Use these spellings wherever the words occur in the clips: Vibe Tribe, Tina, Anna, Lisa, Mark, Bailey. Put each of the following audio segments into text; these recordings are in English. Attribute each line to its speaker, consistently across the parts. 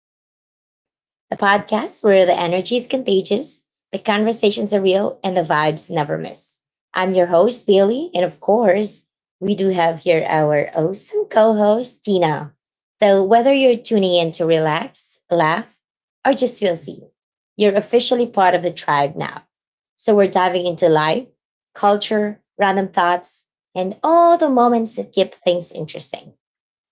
Speaker 1: to the Vibe Tribe, the podcast where the energy is contagious, the conversations are real, and the vibes never miss. I'm your host, Bailey, and of course, we do have here our awesome co host, Tina. So, whether you're tuning in to relax, laugh, or just feel seen, you're officially part of the tribe now. So, we're diving into life, culture, random thoughts, and all the moments that keep things interesting.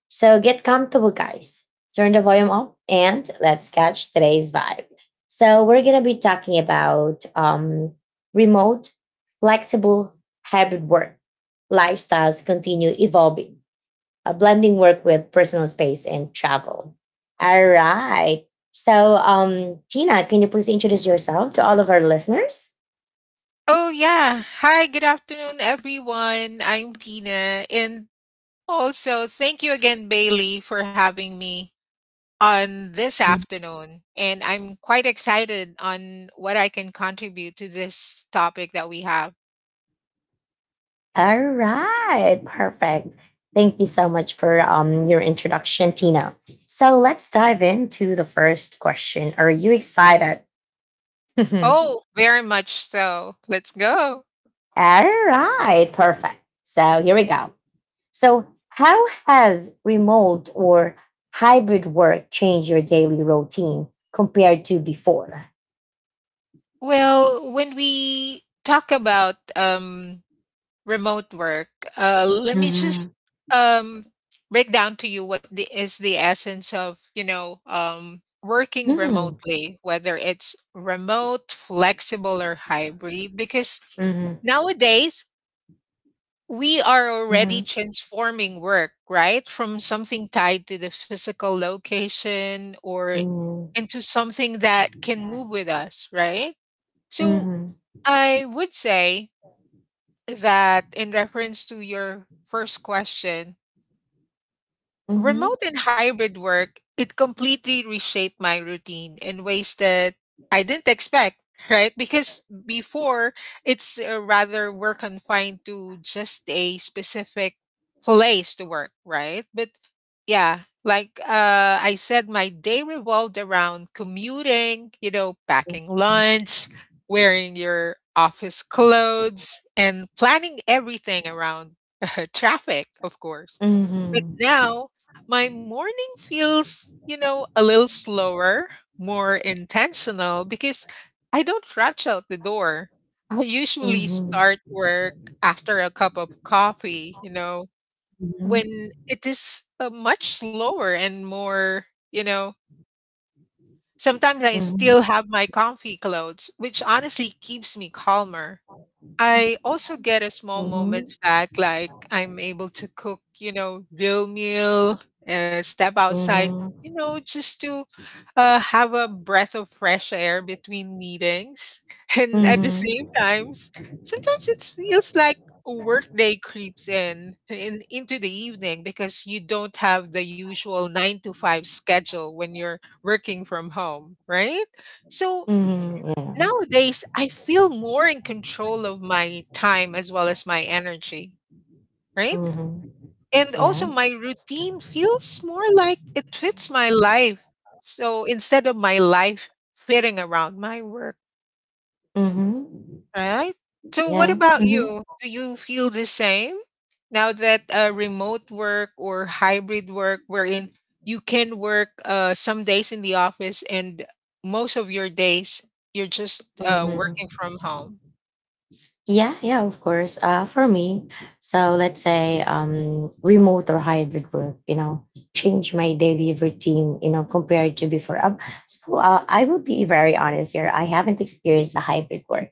Speaker 1: So get comfortable, guys. Turn the volume up and let's catch today's vibe. So, we're going to be talking about remote, flexible, hybrid work. Lifestyles continue evolving, blending work with personal space and travel. All right. So, Tina, can you please introduce yourself to all of our listeners?
Speaker 2: Oh yeah. Hi, good afternoon everyone. I'm Tina, and also thank you again Bailey for having me on this afternoon, and I'm quite excited on what I can contribute to this topic that we have.
Speaker 1: All right, perfect. Thank you so much for your introduction, Tina. So let's dive into the first question. Are you excited? All
Speaker 2: Oh, very much so. Let's go.
Speaker 1: right, perfect. So here we go. So, how has remote or hybrid work changed your daily routine compared to before?
Speaker 2: Well, when we talk about remote work. Let me
Speaker 1: Mm-hmm.
Speaker 2: just um, break down to you what is the essence of working
Speaker 1: Mhm,
Speaker 2: remotely, whether it's remote, flexible, or hybrid. Because
Speaker 1: mhm,
Speaker 2: nowadays we are already
Speaker 1: mhm,
Speaker 2: transforming work, right, from something tied to the physical location or
Speaker 1: mhm,
Speaker 2: into something that can move with us, right? So I would say that in reference to your first question,
Speaker 1: mhm,
Speaker 2: remote and hybrid work, it completely reshaped my routine in ways that I didn't expect, right? Because before, it's rather we're confined to just a specific place to work, right? But yeah, like I said, my day revolved around commuting, you know, packing lunch, wearing your office clothes, and planning everything around traffic, of course.
Speaker 1: mhm,
Speaker 2: But
Speaker 1: mhm,
Speaker 2: now my morning feels, you know, a little slower, more intentional because I don't rush out the door. I usually
Speaker 1: mhm,
Speaker 2: start work after a cup of coffee, you know,
Speaker 1: mhm.
Speaker 2: when it is much slower and more, you know, sometimes I
Speaker 1: Mhm.
Speaker 2: still have my comfy clothes, which honestly keeps me calmer. I also get a small
Speaker 1: Mhm.
Speaker 2: moments back, like I'm able to cook, you know, real meal, step outside,
Speaker 1: Mhm.
Speaker 2: you know, just to have a breath of fresh air between meetings. And at the same
Speaker 1: Mhm.
Speaker 2: times, sometimes it feels like a workday creeps in into the evening because you don't have the usual nine to five schedule when you're working from home, right? So nowadays, I feel more in control of my time as well as my energy, right?
Speaker 1: Mhm.
Speaker 2: And also,
Speaker 1: Yeah.
Speaker 2: my routine feels more like it fits my life. So instead of my life fitting around my work,
Speaker 1: Mhm.
Speaker 2: right? So, what
Speaker 1: Yeah.
Speaker 2: about
Speaker 1: Mhm. Yeah. Mhm.
Speaker 2: you? Do you feel the same now that remote work or hybrid work, wherein you can work some days in the office and most of your days you're just
Speaker 1: Mhm.
Speaker 2: working from home?
Speaker 1: Yeah, yeah, of course. For me, so let's say remote or hybrid work, you know, change my daily routine, you know, compared to before. So I will be very honest here. I haven't experienced the hybrid work.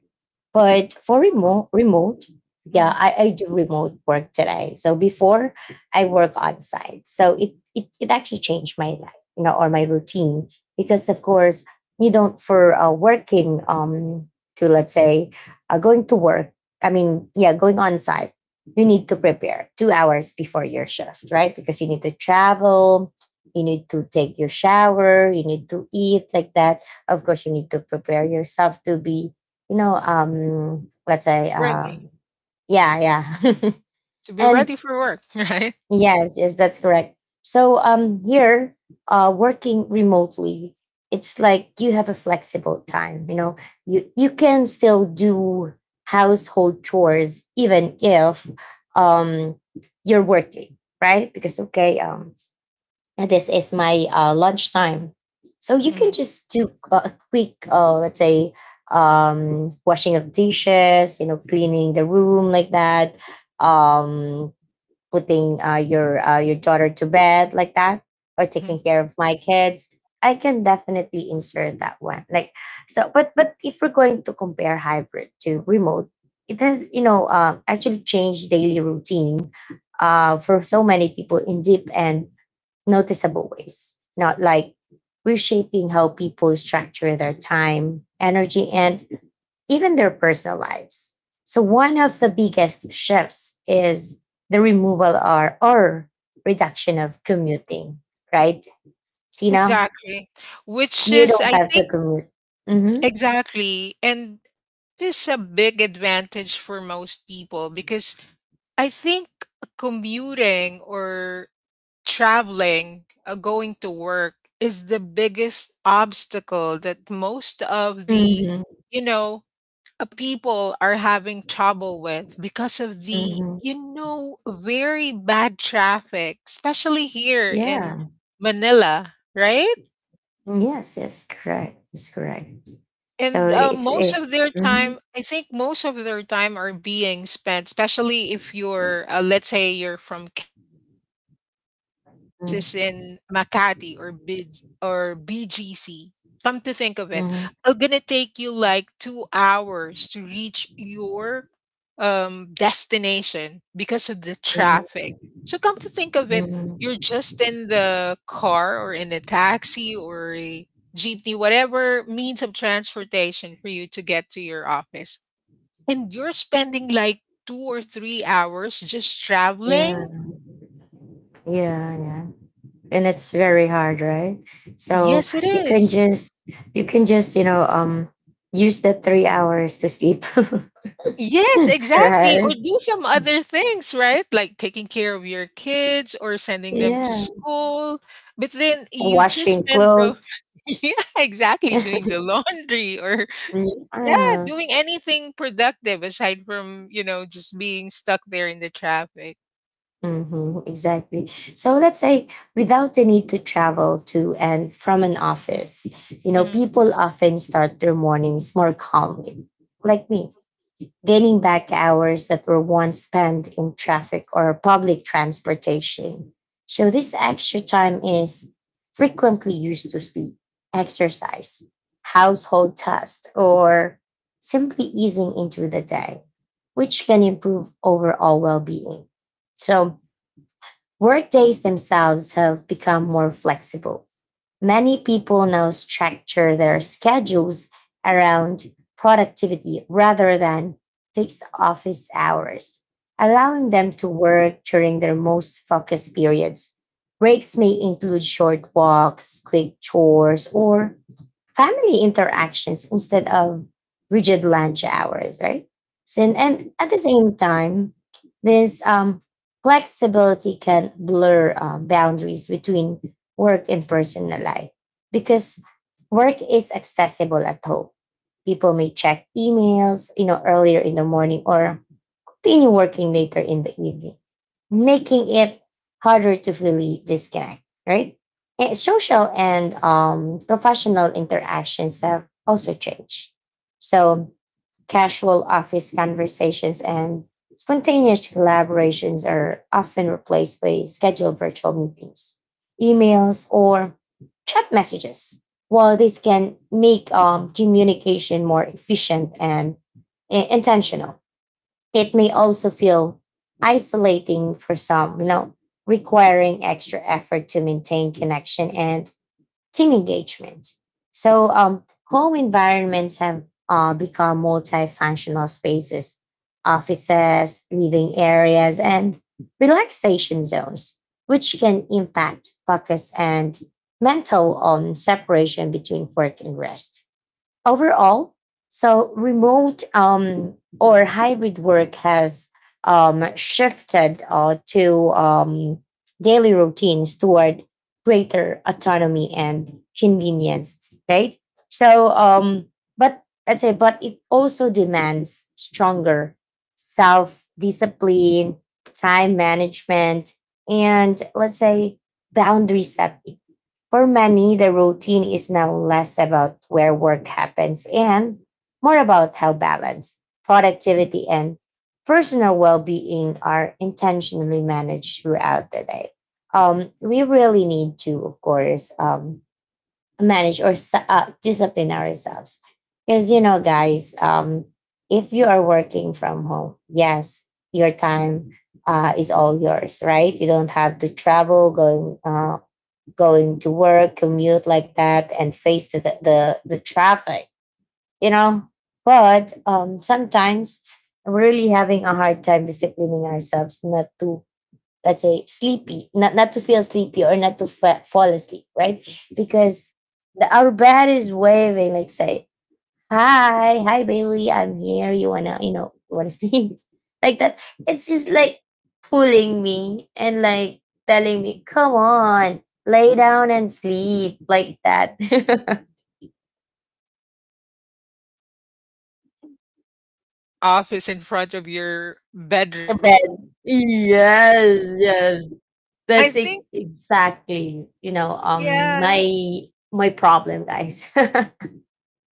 Speaker 1: But for remote, yeah, I do remote work today. So before I work on site. So it actually changed my life, you know, or my routine because of course you don't for working to let's say going to work. I mean, yeah, going on site. You need to prepare 2 hours before your shift, right? Because you need to travel, you need to take your shower, you need to eat like that. Of course, you need to prepare yourself to be you know, let's say,
Speaker 2: Ready.
Speaker 1: yeah, yeah,
Speaker 2: To be
Speaker 1: and
Speaker 2: ready for work, right?
Speaker 1: yes, yes, that's correct. So here, working remotely, it's like you have a flexible time. You know, you can still do household chores even if um you're working, right? Because okay, and this is my lunchtime. So you can
Speaker 2: Mhm,
Speaker 1: just do a quick, let's say, washing of dishes, you know, cleaning the room like that, um, putting your daughter to bed like that, or
Speaker 2: mhm.
Speaker 1: taking care of my kids. I can definitely insert that one. Like so, but if we're going to compare hybrid to remote, it has you know actually changed daily routine for so many people in deep and noticeable ways, not like reshaping how people structure their time, energy, and even their personal lives. So, one of the biggest shifts is the removal or reduction of commuting, right, Tina?
Speaker 2: Exactly. Which
Speaker 1: You
Speaker 2: is, I
Speaker 1: don't have to
Speaker 2: think,
Speaker 1: commute. Hmm.
Speaker 2: exactly. And which is a big advantage for most people because I think commuting or traveling, going to work is the biggest obstacle that most of
Speaker 1: Hmm.
Speaker 2: you know, people are having trouble with because of the
Speaker 1: Hmm.
Speaker 2: you know very bad traffic, especially here in
Speaker 1: Yeah.
Speaker 2: Manila, right?
Speaker 1: Yes, yes, correct. It's correct. So
Speaker 2: And
Speaker 1: it's
Speaker 2: most of their
Speaker 1: mhm,
Speaker 2: time, I think most of their time are being spent, especially if let's say you're from Quezon City and your office is
Speaker 1: mhm,
Speaker 2: in Makati or BGC. Come to think of it,
Speaker 1: mhm,
Speaker 2: it's gonna take you like 2 hours to reach your destination because of the
Speaker 1: mhm,
Speaker 2: traffic. So come to think of it, you're
Speaker 1: mhm.
Speaker 2: just in the car or in a taxi or GT, whatever means of transportation for you to get to your office. And you're spending like 2 or 3 hours just
Speaker 1: Yeah,
Speaker 2: traveling?
Speaker 1: yeah, yeah. And it's very hard, right? So
Speaker 2: Yes, it
Speaker 1: you can
Speaker 2: is.
Speaker 1: just you can just you know use the 3 hours to sleep.
Speaker 2: Yes, exactly. Or
Speaker 1: Right.
Speaker 2: do some other things, right? Like taking care of your kids or sending them to
Speaker 1: Yeah.
Speaker 2: school. But then you just
Speaker 1: Washing
Speaker 2: spend the
Speaker 1: clothes.
Speaker 2: yeah, exactly, doing the laundry or yeah,
Speaker 1: Yeah.
Speaker 2: doing anything productive aside from, you know, just being stuck there in the traffic.
Speaker 1: Hmm, exactly. So let's say without the need to travel to and from an office, you know,
Speaker 2: Hmm.
Speaker 1: people often start their mornings more calmly, like me, gaining back hours that were once spent in traffic or public transportation. So, this extra time is frequently used to sleep, exercise, household tasks, or simply easing into the day, which can improve overall well being. So, workdays themselves have become more flexible. Many people now structure their schedules around productivity rather than fixed office hours, allowing them to work during their most focused periods. Breaks may include short walks, quick chores, or family interactions instead of rigid lunch hours, right? So, and,
Speaker 2: Right.
Speaker 1: and at the same time, this flexibility can blur boundaries between work and personal life because work is accessible at home. People may check emails, you know, earlier in the morning or continue working later in the evening, making it harder to fully disconnect, right? And social and professional interactions have also changed. So, casual office conversations and spontaneous collaborations are often replaced by scheduled virtual meetings, emails, or chat messages. While this can make communication more efficient and intentional, it may also feel isolating for some, you know, requiring extra effort to maintain connection and team engagement. So, home environments have become multifunctional spaces, offices, living areas, and relaxation zones, which can impact focus and mental separation between work and rest overall. So remote or hybrid work has shifted to daily routines toward greater autonomy and convenience, right? So, but let's say, but it also demands stronger self discipline, time management, and let's say boundary setting. For many, the routine is now less about where work happens and more about how balance, productivity, and personal well being are intentionally managed throughout the day. We really need to, of course, manage or discipline ourselves. Because, you know, guys, if you are working from home, yes, your time is all yours, right? You don't have to travel, going to work, commute like that, and face the traffic, you know. But sometimes I'm really having a hard time disciplining ourselves not to, let's say, sleepy, not to feel sleepy or not to fall asleep, right?
Speaker 2: Yeah,
Speaker 1: Because our bed is waving, like say hi, hi Bailey, I'm here. You wanna, wanna sing? Like that. It's just like pulling me and like telling me, come on, lay down and sleep like that.
Speaker 2: exactly. Because you're just home, or maybe you just set up your office in front of your
Speaker 1: The
Speaker 2: bedroom,
Speaker 1: bed.
Speaker 2: right?
Speaker 1: Yes,
Speaker 2: Yeah.
Speaker 1: yes.
Speaker 2: I
Speaker 1: That's it
Speaker 2: think,
Speaker 1: exactly, you know, um
Speaker 2: yeah.
Speaker 1: my my problem, guys.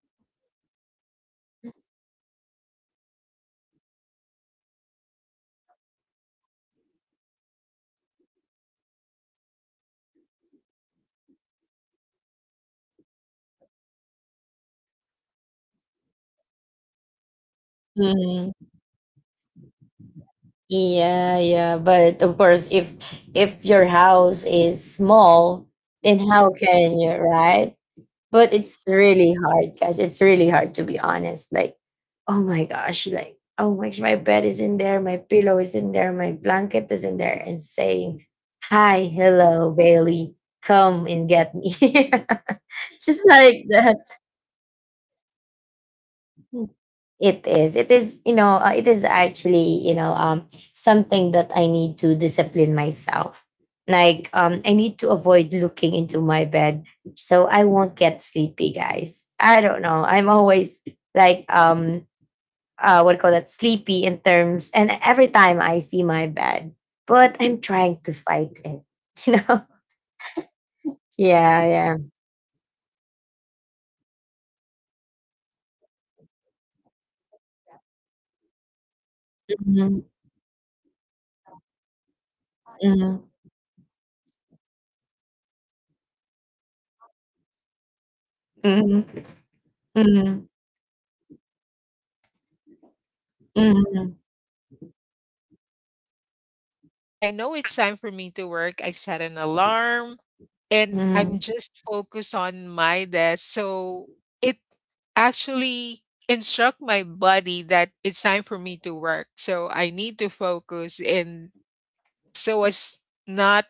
Speaker 2: Yeah, I think that's because of the surrounding. So I would say if you're actually working from home, I think you need to put a specific area in your home where it still feels like an office, but not directly
Speaker 1: Mhm.
Speaker 2: on the bedroom, right?
Speaker 1: Yeah, yeah, but of course, if your house is small,
Speaker 2: Well,
Speaker 1: then how
Speaker 2: yeah.
Speaker 1: can you, right? But
Speaker 2: Yeah,
Speaker 1: it's
Speaker 2: yeah.
Speaker 1: really hard, guys. It's really hard to be honest. Like, oh my gosh, like, oh my gosh, my bed is in there, my pillow is in there, my blanket is in there, and saying, hi,
Speaker 2: Yeah.
Speaker 1: hello, Bailey, come and get me.
Speaker 2: Yeah, I
Speaker 1: Just
Speaker 2: think
Speaker 1: like
Speaker 2: that
Speaker 1: that.
Speaker 2: would be a real challenge, right?
Speaker 1: It is. It is, you know, it is actually, you know, something that I need to discipline myself. Like, I need to avoid looking into my bed so I won't get sleepy, guys. I don't know. I'm always like, what do you call that? Sleepy in terms, and every time I see my bed, but I'm trying to fight it, you know?
Speaker 2: Oh.
Speaker 1: Yeah,
Speaker 2: Well,
Speaker 1: yeah.
Speaker 2: I resonate with you, or I feel the same way because my desk is just in front of my bed. But
Speaker 1: Mhm,
Speaker 2: what I do is that I sit
Speaker 1: mhm,
Speaker 2: opposite, or, you know, I'm not facing it.
Speaker 1: mhm,
Speaker 2: I'm, my
Speaker 1: mhm,
Speaker 2: back is actually that's the one.
Speaker 1: mhm,
Speaker 2: I'm facing a wall so that when I know it's time for me to work, I set an alarm and I'm
Speaker 1: mhm,
Speaker 2: just focused on my desk. So it actually instruct my body that it's time for me to work. So I need to focus and so as not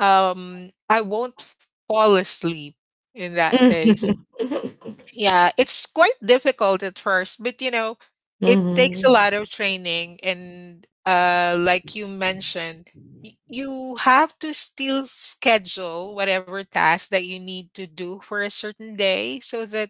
Speaker 2: I won't fall asleep in that case.
Speaker 1: mhm.
Speaker 2: Yeah, it's quite difficult at first, but you know, it takes a
Speaker 1: Mhm.
Speaker 2: lot of training and like you mentioned, you have to still schedule whatever task that you need to do for a certain day so that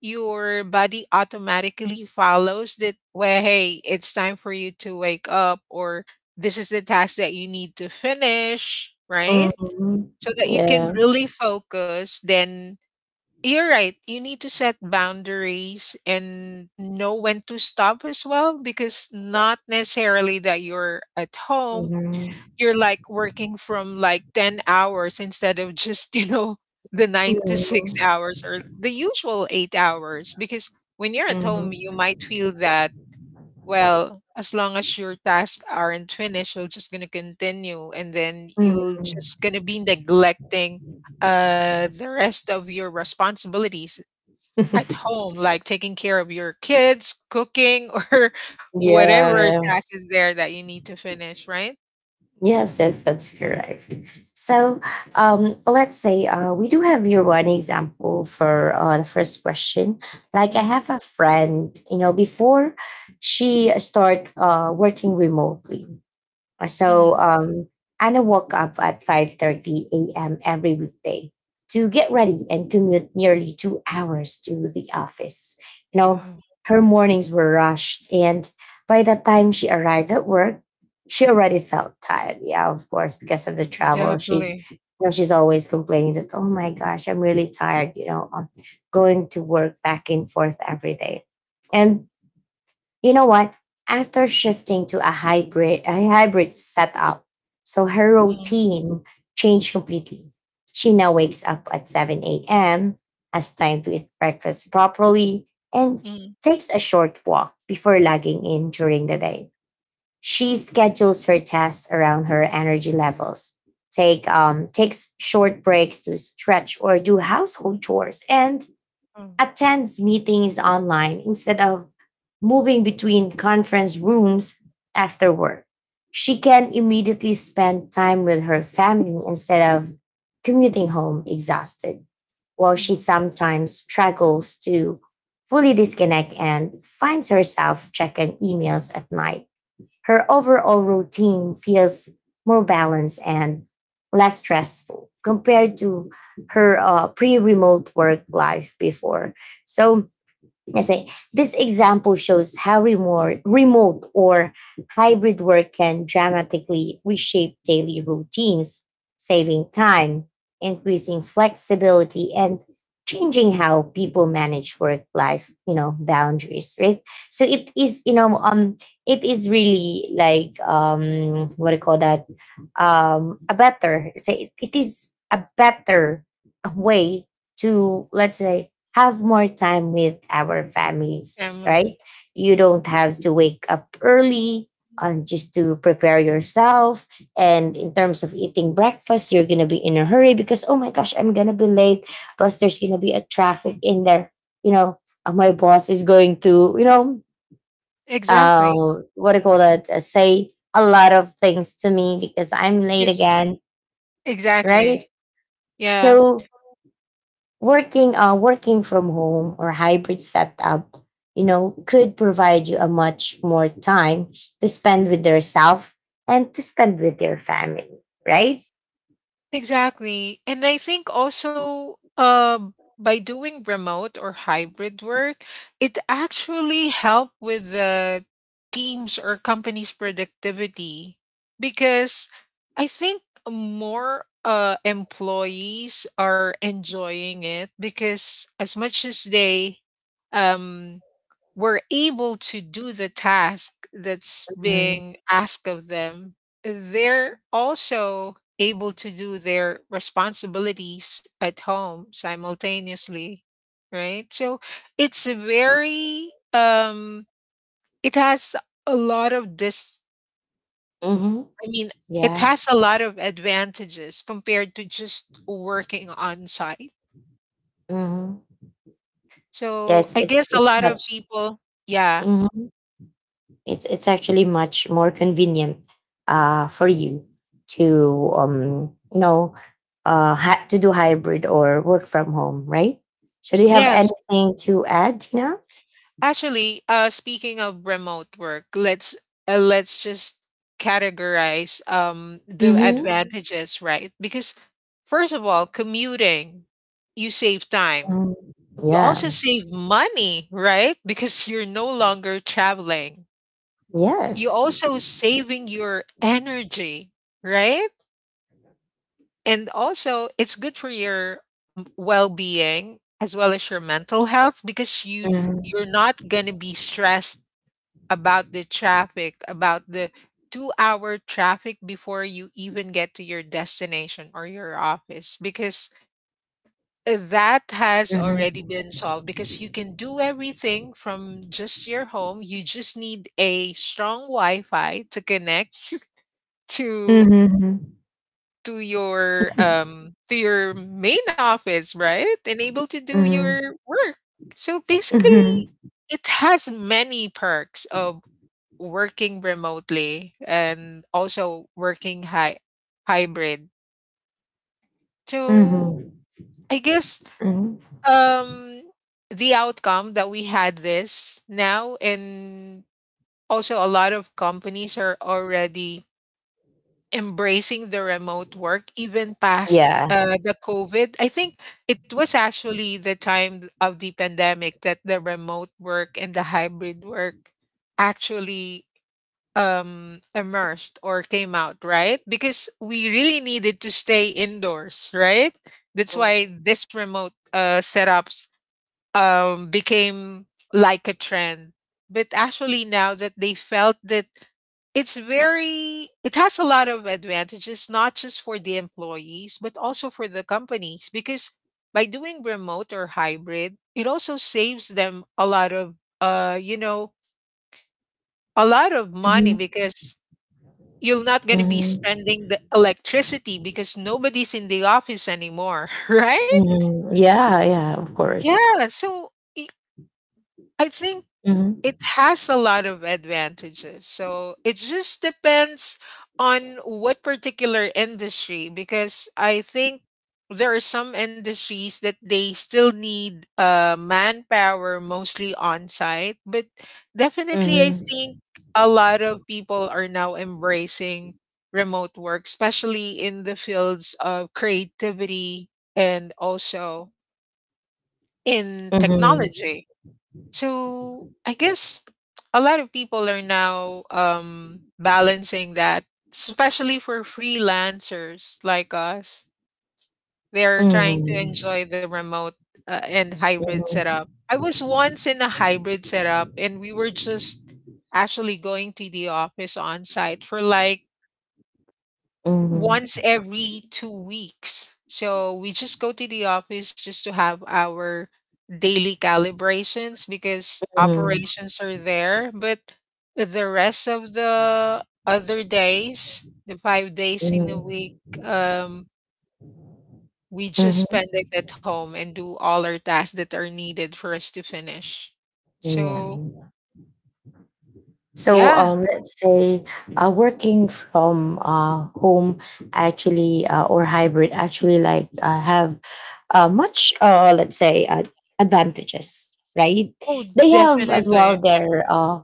Speaker 2: your body automatically follows that, well, hey, it's time for you to wake up or this is the task that you need to finish, right?
Speaker 1: Mhm.
Speaker 2: So that you can
Speaker 1: Yeah.
Speaker 2: really focus. Then you're right. You need to set boundaries and know when to stop as well, because not necessarily that you're at home.
Speaker 1: Mhm.
Speaker 2: You're like working from like 10 hours instead of just, you know, the nine to six
Speaker 1: Mhm.
Speaker 2: hours or the usual 8 hours. Because when you're at home, you
Speaker 1: Mhm.
Speaker 2: might feel that, well, as long as your tasks aren't finished, you're just going to continue. And then you are
Speaker 1: Mhm.
Speaker 2: just going to be neglecting the rest of your responsibilities at home, like taking care of your kids, cooking, or
Speaker 1: Yeah,
Speaker 2: whatever
Speaker 1: yeah.
Speaker 2: task is there that you need to finish, right?
Speaker 1: Yes, yes, that's correct. So let's say we do have here one example for the first question. Like I
Speaker 2: Mm,
Speaker 1: have a friend, you know, before she start working remotely. Uh, So
Speaker 2: mhm.
Speaker 1: um, Anna woke up at 5:30 a.m. every weekday to get ready and commute nearly 2 hours to the office. You know,
Speaker 2: Oh,
Speaker 1: her mornings were rushed, and by the time she arrived at work, she already felt tired. Yeah, of course, because of the travel. She's
Speaker 2: exactly.
Speaker 1: you know, she's always complaining that, oh my gosh, I'm really tired, you know, going to work back and forth every day. And you know what? After shifting to a hybrid setup, so her
Speaker 2: Mm,
Speaker 1: routine changed completely. She now wakes up at 7 a.m., has time to eat breakfast properly, and
Speaker 2: mm,
Speaker 1: takes a short walk before logging in during the day. She schedules her tasks around her energy levels, takes short breaks to stretch or do household chores, and
Speaker 2: mm,
Speaker 1: attends meetings online instead of moving between conference rooms after work. She can immediately spend time with her family instead of commuting home exhausted, while she
Speaker 2: mhm.
Speaker 1: sometimes struggles to fully disconnect and finds herself checking emails at night. Her overall routine feels more balanced and less stressful compared to her pre-remote work life before. So I say this example shows how remote or hybrid work can dramatically reshape daily routines, saving time, increasing flexibility, and changing how people manage work life, you know, boundaries, right? So it is, you know, it is really like what do you call that? A better. It is a better way to let's say have more time with our families,
Speaker 2: Family.
Speaker 1: right? You don't have to wake up early just to prepare yourself. And in terms of eating breakfast, you're going to be in a hurry because, oh my gosh, I'm going to be late. Plus, there's going to be a traffic in there. You know, my boss is going to, you know,
Speaker 2: Exactly.
Speaker 1: uh, what do you call that? Say a lot of things to me because I'm late
Speaker 2: Because
Speaker 1: again, right?
Speaker 2: exactly. Yeah.
Speaker 1: So working, from home or hybrid setup could provide you a much more time to spend with yourself and to spend with your family, right?
Speaker 2: Exactly. And I think also by doing remote or hybrid work, it actually helped with the teams or companies' productivity because I think more employees are enjoying it because as much as they um, were able to do the task that's
Speaker 1: Mhm.
Speaker 2: being asked of them, they're also able to do their responsibilities at home simultaneously, right? So it's a very it has a lot of this
Speaker 1: Mm-hmm.
Speaker 2: I mean it
Speaker 1: Yeah.
Speaker 2: has a lot of advantages compared to just working on site.
Speaker 1: Mm-hmm. Yeah,
Speaker 2: So
Speaker 1: it's
Speaker 2: I guess
Speaker 1: it's
Speaker 2: a
Speaker 1: it's
Speaker 2: lot
Speaker 1: much.
Speaker 2: of people, yeah,
Speaker 1: hmm it's actually much more convenient for you to um you know do hybrid or work from home, right? So do you have
Speaker 2: yes.
Speaker 1: anything to add, Tina?
Speaker 2: Actually, speaking of remote work, let's just categorize the advantages, right? Because first of all, commuting, you save time.
Speaker 1: Um,
Speaker 2: You also
Speaker 1: yeah.
Speaker 2: save money, right? Because you're no longer traveling. You
Speaker 1: Yes.
Speaker 2: also saving your energy, right? And also, it's good for your well-being as well as your mental health because
Speaker 1: Mhm,
Speaker 2: you're not going to be stressed about the traffic, about the 2 hour traffic before you even get to your destination or your office, because that has already
Speaker 1: mhm.
Speaker 2: been solved. Because you can do everything from just your home, you just need a strong Wi Fi to connect to
Speaker 1: Mm-hmm.
Speaker 2: to your main office, right? And able to do your
Speaker 1: Mm-hmm.
Speaker 2: work. So
Speaker 1: Mm-hmm.
Speaker 2: basically, it has many perks of working remotely and also working high hybrid. So
Speaker 1: Mhm,
Speaker 2: I guess
Speaker 1: mhm.
Speaker 2: um the outcome that we had this now, and also a lot of companies are already embracing the remote work even past
Speaker 1: Yeah.
Speaker 2: the COVID. I think it was actually the time of the pandemic that the remote work and the hybrid work actually emerged or came out, right? Because we really needed to stay indoors, right? That's why this remote setups became like a trend. But actually now that they felt that it's very it has a lot of advantages, not just for the employees but also for the companies, because by doing remote or hybrid, it also saves them a lot of uh you know a lot of money,
Speaker 1: Mm-hmm.
Speaker 2: because you're not going to be
Speaker 1: Mm-hmm.
Speaker 2: spending the electricity because nobody's in the office anymore. Right,
Speaker 1: Mm-hmm. Yeah, yeah, of course.
Speaker 2: yeah. So i I think it
Speaker 1: Mm-hmm.
Speaker 2: has a lot of advantages. So it just depends on what particular industry, because I think there are some industries that they still need manpower mostly on site. But definitely, I
Speaker 1: Mm-hmm.
Speaker 2: think a lot of people are now embracing remote work, especially in the fields of creativity and also in
Speaker 1: Mm-hmm.
Speaker 2: technology. So I guess a lot of people are now balancing that, especially for freelancers like us. They are trying to
Speaker 1: Mm-hmm.
Speaker 2: enjoy the remote and hybrid setup.
Speaker 1: Mm-hmm.
Speaker 2: I was once in a hybrid setup, and we were just actually going to the office on site for like
Speaker 1: Mm-hmm.
Speaker 2: once every 2 weeks. So we just go to the office just to have our daily calibrations because
Speaker 1: Mm-hmm.
Speaker 2: operations are there. But the rest of the other days, the 5 days in a week, um, we just spend
Speaker 1: Mm-hmm.
Speaker 2: it at home and do all our tasks that are needed for us to finish.
Speaker 1: Yeah.
Speaker 2: So,
Speaker 1: So,
Speaker 2: yeah.
Speaker 1: let's say, working from home actually, or hybrid actually, like, have, much, let's say, advantages, right?
Speaker 2: Oh,
Speaker 1: They have as
Speaker 2: definitely.
Speaker 1: well their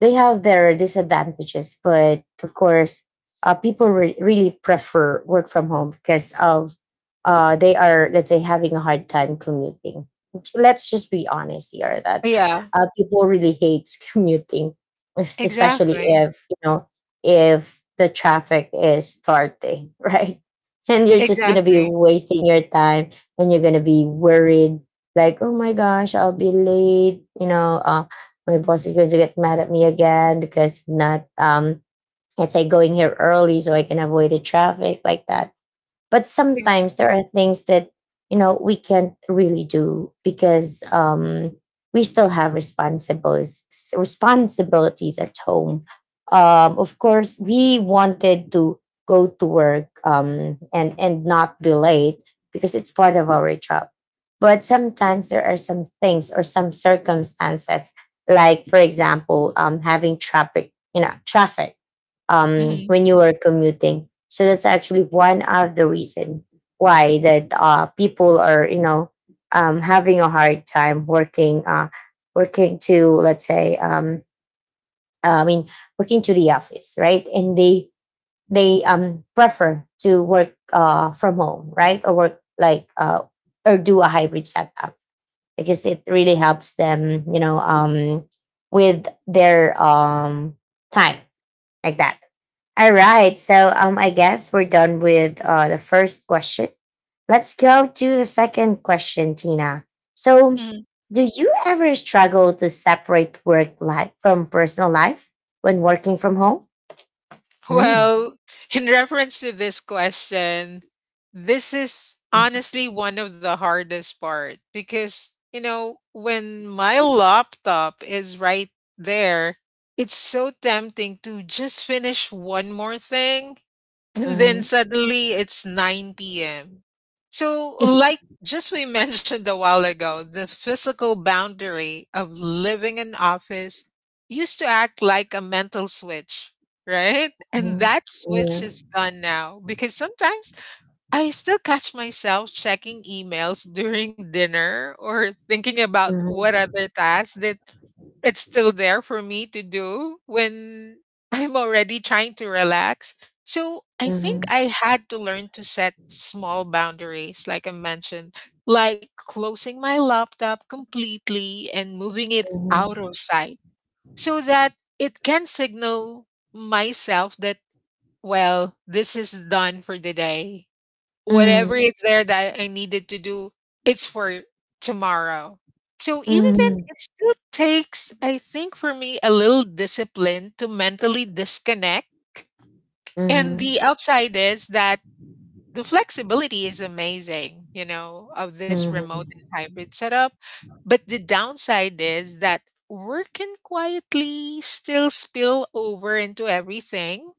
Speaker 1: they have their disadvantages, but of course, people really prefer work from home because of, they are, let's say, having a hard time commuting. Let's just be honest here that,
Speaker 2: Yeah,
Speaker 1: people really hate commuting, especially
Speaker 2: exactly.
Speaker 1: if you know if the traffic is starting, right? And you're just gonna be
Speaker 2: Exactly.
Speaker 1: wasting your time, and you're gonna be worried like, oh my gosh, I'll be late, my boss is going to get mad at me again because I'm not, let's say, going here early so I can avoid the traffic, like that. But
Speaker 2: Ex-
Speaker 1: sometimes there are things that we can't really do because, we still have responsibilities at home. Of course we wanted to go to work, and not be late because it's part of our job. But sometimes there are some things or some circumstances, like for example, having traffic,
Speaker 2: mhm,
Speaker 1: when you were commuting. So that's actually one of the reason why that, people are, having a hard time working, working to, let's say, I mean, working to the office, right? And they prefer to work, from home, right, or work, like, or do a hybrid setup because it really helps them, with their, time, like that. All right. So, I guess we're done with, the first question. Let's go to the second question, Tina. So,
Speaker 2: mhm.
Speaker 1: do you ever struggle to separate work life from personal life when working from home? Mm.
Speaker 2: Well, in reference to this question, this is honestly one of the hardest part because, you know, when my laptop is right there, it's so tempting to just finish one more thing and then
Speaker 1: Mhm.
Speaker 2: suddenly it's 9 p.m. So, like just we mentioned a while ago, the physical boundary of living in office used to act like a mental switch, right? And
Speaker 1: Mhm.
Speaker 2: that switch
Speaker 1: Yeah.
Speaker 2: is gone now because sometimes I still catch myself checking emails during dinner or thinking about what
Speaker 1: Mhm.
Speaker 2: other tasks that it's still there for me to do when I'm already trying to relax. So I think
Speaker 1: Mhm.
Speaker 2: I had to learn to set small boundaries, like I mentioned, like closing my laptop completely and moving it out of sight so that it can signal myself that, well, this is done for the day
Speaker 1: Mhm.
Speaker 2: whatever is there that I needed to do, it's for tomorrow. So even then, it still takes, I think, for me, a little discipline to mentally disconnect. And the
Speaker 1: Mhm.
Speaker 2: upside is that the flexibility is amazing, you know, of this remote
Speaker 1: Mhm.
Speaker 2: and hybrid setup. But the downside is that work can quietly still spill over into everything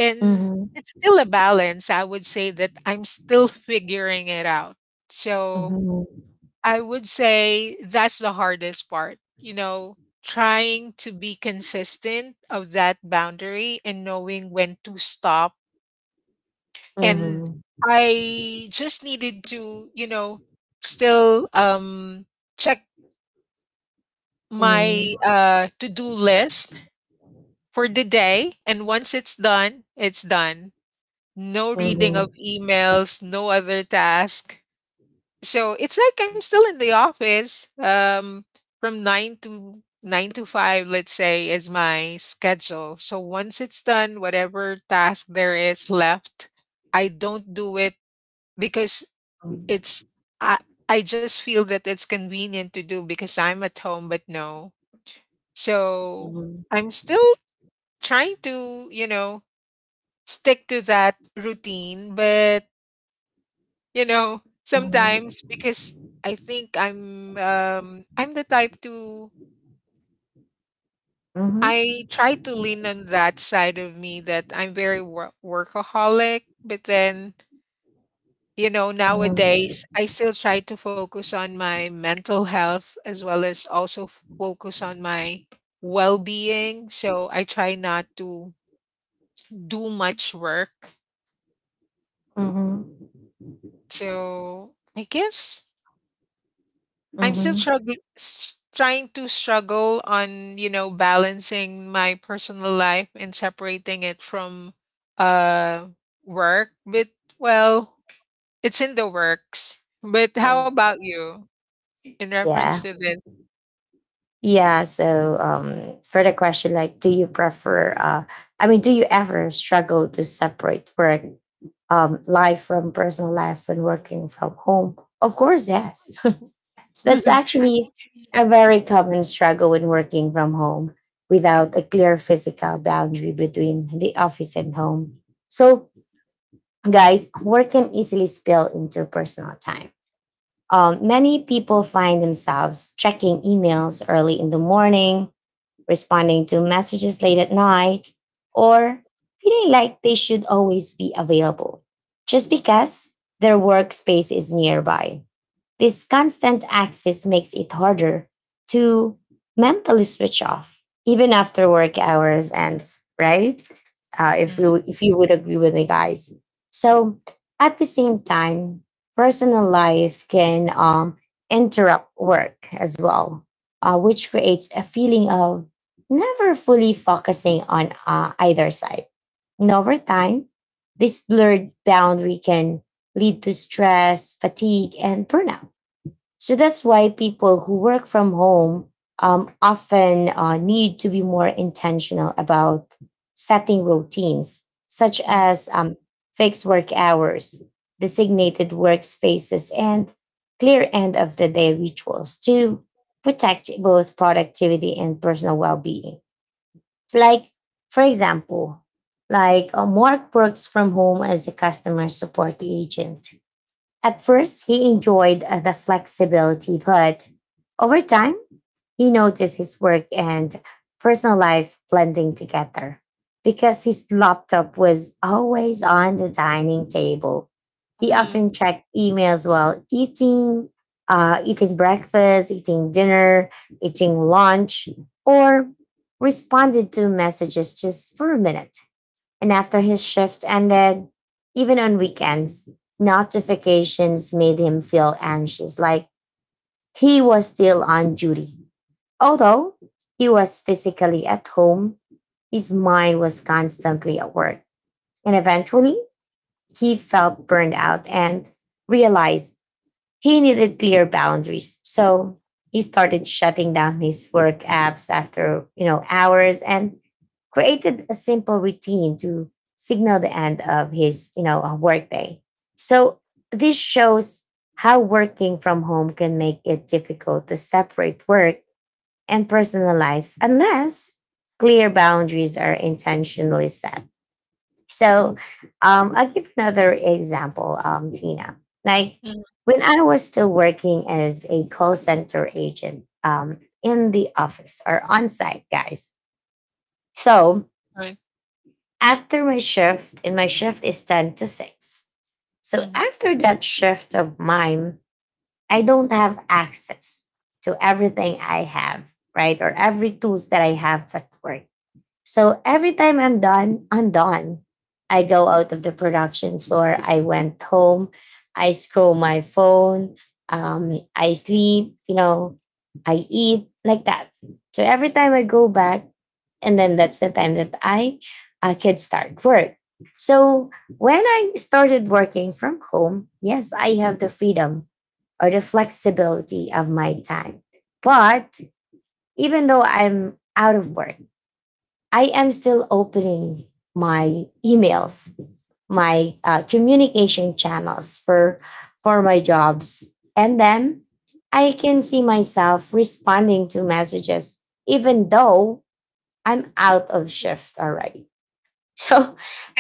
Speaker 2: and
Speaker 1: Mhm.
Speaker 2: it's still a balance. I would say that I'm still figuring it out. So I would say that's the hardest part, you know, trying to be consistent of that boundary and knowing when to stop. And
Speaker 1: Mhm.
Speaker 2: I just needed to, you know, still check
Speaker 1: Mhm.
Speaker 2: my
Speaker 1: Mhm.
Speaker 2: to-do list for the day and once it's done, it's done. No reading of
Speaker 1: Mhm.
Speaker 2: emails, no other task. So it's like I'm still in the office from 9 to 5, let's say, is my schedule. So once it's done, whatever task there is left, I don't do it because
Speaker 1: Mhm.
Speaker 2: it's I I just feel that it's convenient to do because I'm at home, but no. So
Speaker 1: Mhm.
Speaker 2: I'm still trying to, you know, stick to that routine, but you know,
Speaker 1: Mhm.
Speaker 2: sometimes
Speaker 1: Mhm.
Speaker 2: because I think I'm the type to
Speaker 1: Mhm.
Speaker 2: I try to lean on that side of me that I'm very workaholic, but then you know,
Speaker 1: Mhm.
Speaker 2: nowadays I still try to focus on my mental health as well as also focus on my well-being. So I try not to do much work.
Speaker 1: Mm-hmm.
Speaker 2: So I guess I'm still
Speaker 1: Mm-hmm.
Speaker 2: struggling, trying to struggle on, you know, balancing my personal life and separating it from uh work. But well, it's in the works. But how
Speaker 1: Mm.
Speaker 2: about you in reference
Speaker 1: Yeah.
Speaker 2: to this?
Speaker 1: Yeah. So, for the question, like, do you prefer I mean, do you ever struggle to separate work, life from personal life when working from home? Of course, yes. That's actually a very common struggle when working from home without a clear physical boundary between the office and home. So, guys, work can easily spill into personal time. Many people find themselves checking emails early in the morning, responding to messages late at night, or feeling like they should always be available just because their workspace is nearby. This constant access makes it harder to mentally switch off, even after work hours ends, right? If you
Speaker 2: Mm,
Speaker 1: if you would agree with me, guys. So, at the same time, personal life can, interrupt work as well, which creates a feeling of never fully focusing on, either side. And over time, this blurred boundary can lead to stress, fatigue, and burnout, so that's why people who work from home, often, need to be more intentional about setting routines, such
Speaker 2: mm,
Speaker 1: as, fixed work hours, designated workspaces, and clear end of the day rituals to protect both productivity and personal well being. Like, for example, like, Mark works from home as a customer support agent. At first, he enjoyed, the flexibility, but over time, he noticed his work and personal life blending together because his laptop was always on the dining table. He
Speaker 2: mm,
Speaker 1: often checked emails while eating breakfast, eating dinner, eating lunch, or responded to messages just for a minute, and after his shift ended, even on weekends, notifications made him feel anxious, like he was still on duty. Although he was physically at home, his mind was constantly at work. And eventually, he felt burned out and realized he needed clear boundaries. So he started shutting down his work apps after, hours, and created a simple routine to signal the end of his, workday. So this shows how working from home can make it difficult to separate work and personal life unless clear boundaries are intentionally set. So, I'll give another example, Tina. Like
Speaker 2: mm,
Speaker 1: when I was still working as a call center agent, in the office or on site, guys. So
Speaker 2: right,
Speaker 1: after my shift, and my shift is 10 to 6. So
Speaker 2: mm.
Speaker 1: after that shift of mine, I don't have access to everything I have, right? Or every tools that I have at work. So every time I'm done, I'm done. I go out of the production floor. I went home. I scroll my phone. I sleep, I eat, like that. So every time I go back, and then that's the time that I could start work. So when I started working from home, yes, I have the freedom or the flexibility of my time. But even though I'm out of work, I am still opening my emails, my, communication channels for my jobs, and then I can see myself responding to messages, even though I'm out of shift already. So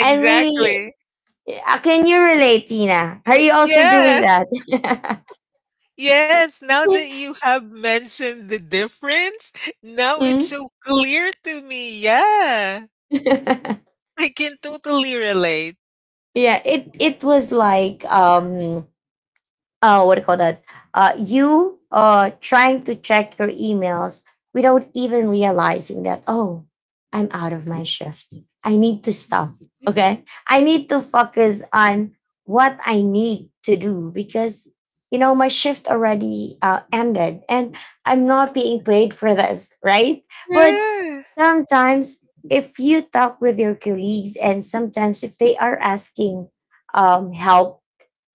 Speaker 1: I'm really. Can you relate, Tina? Are you also doing
Speaker 2: Yes.
Speaker 1: that?
Speaker 2: Yes. Now that you have mentioned the difference, now it's
Speaker 1: Mm.
Speaker 2: so clear to me. Yeah.
Speaker 1: Yeah,
Speaker 2: I can totally relate.
Speaker 1: it was like, what do you call that? You, trying to check your emails without even realizing that, oh, I'm out of my shift. I need to stop. Okay. I need to focus on what I need to do because, my shift already ended and I'm not being paid for this. Right. But
Speaker 2: Yeah.
Speaker 1: sometimes if you talk with your colleagues and sometimes if they are asking, help,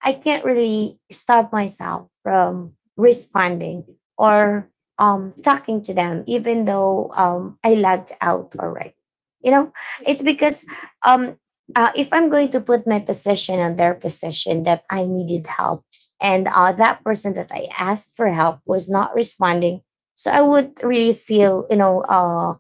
Speaker 1: I can't really stop myself from responding or, talking to them, even though, I logged out already. You know, it's because, um, if I'm going to put my position on their position that I needed help, and, that person that I asked for help was not responding, so I would really feel,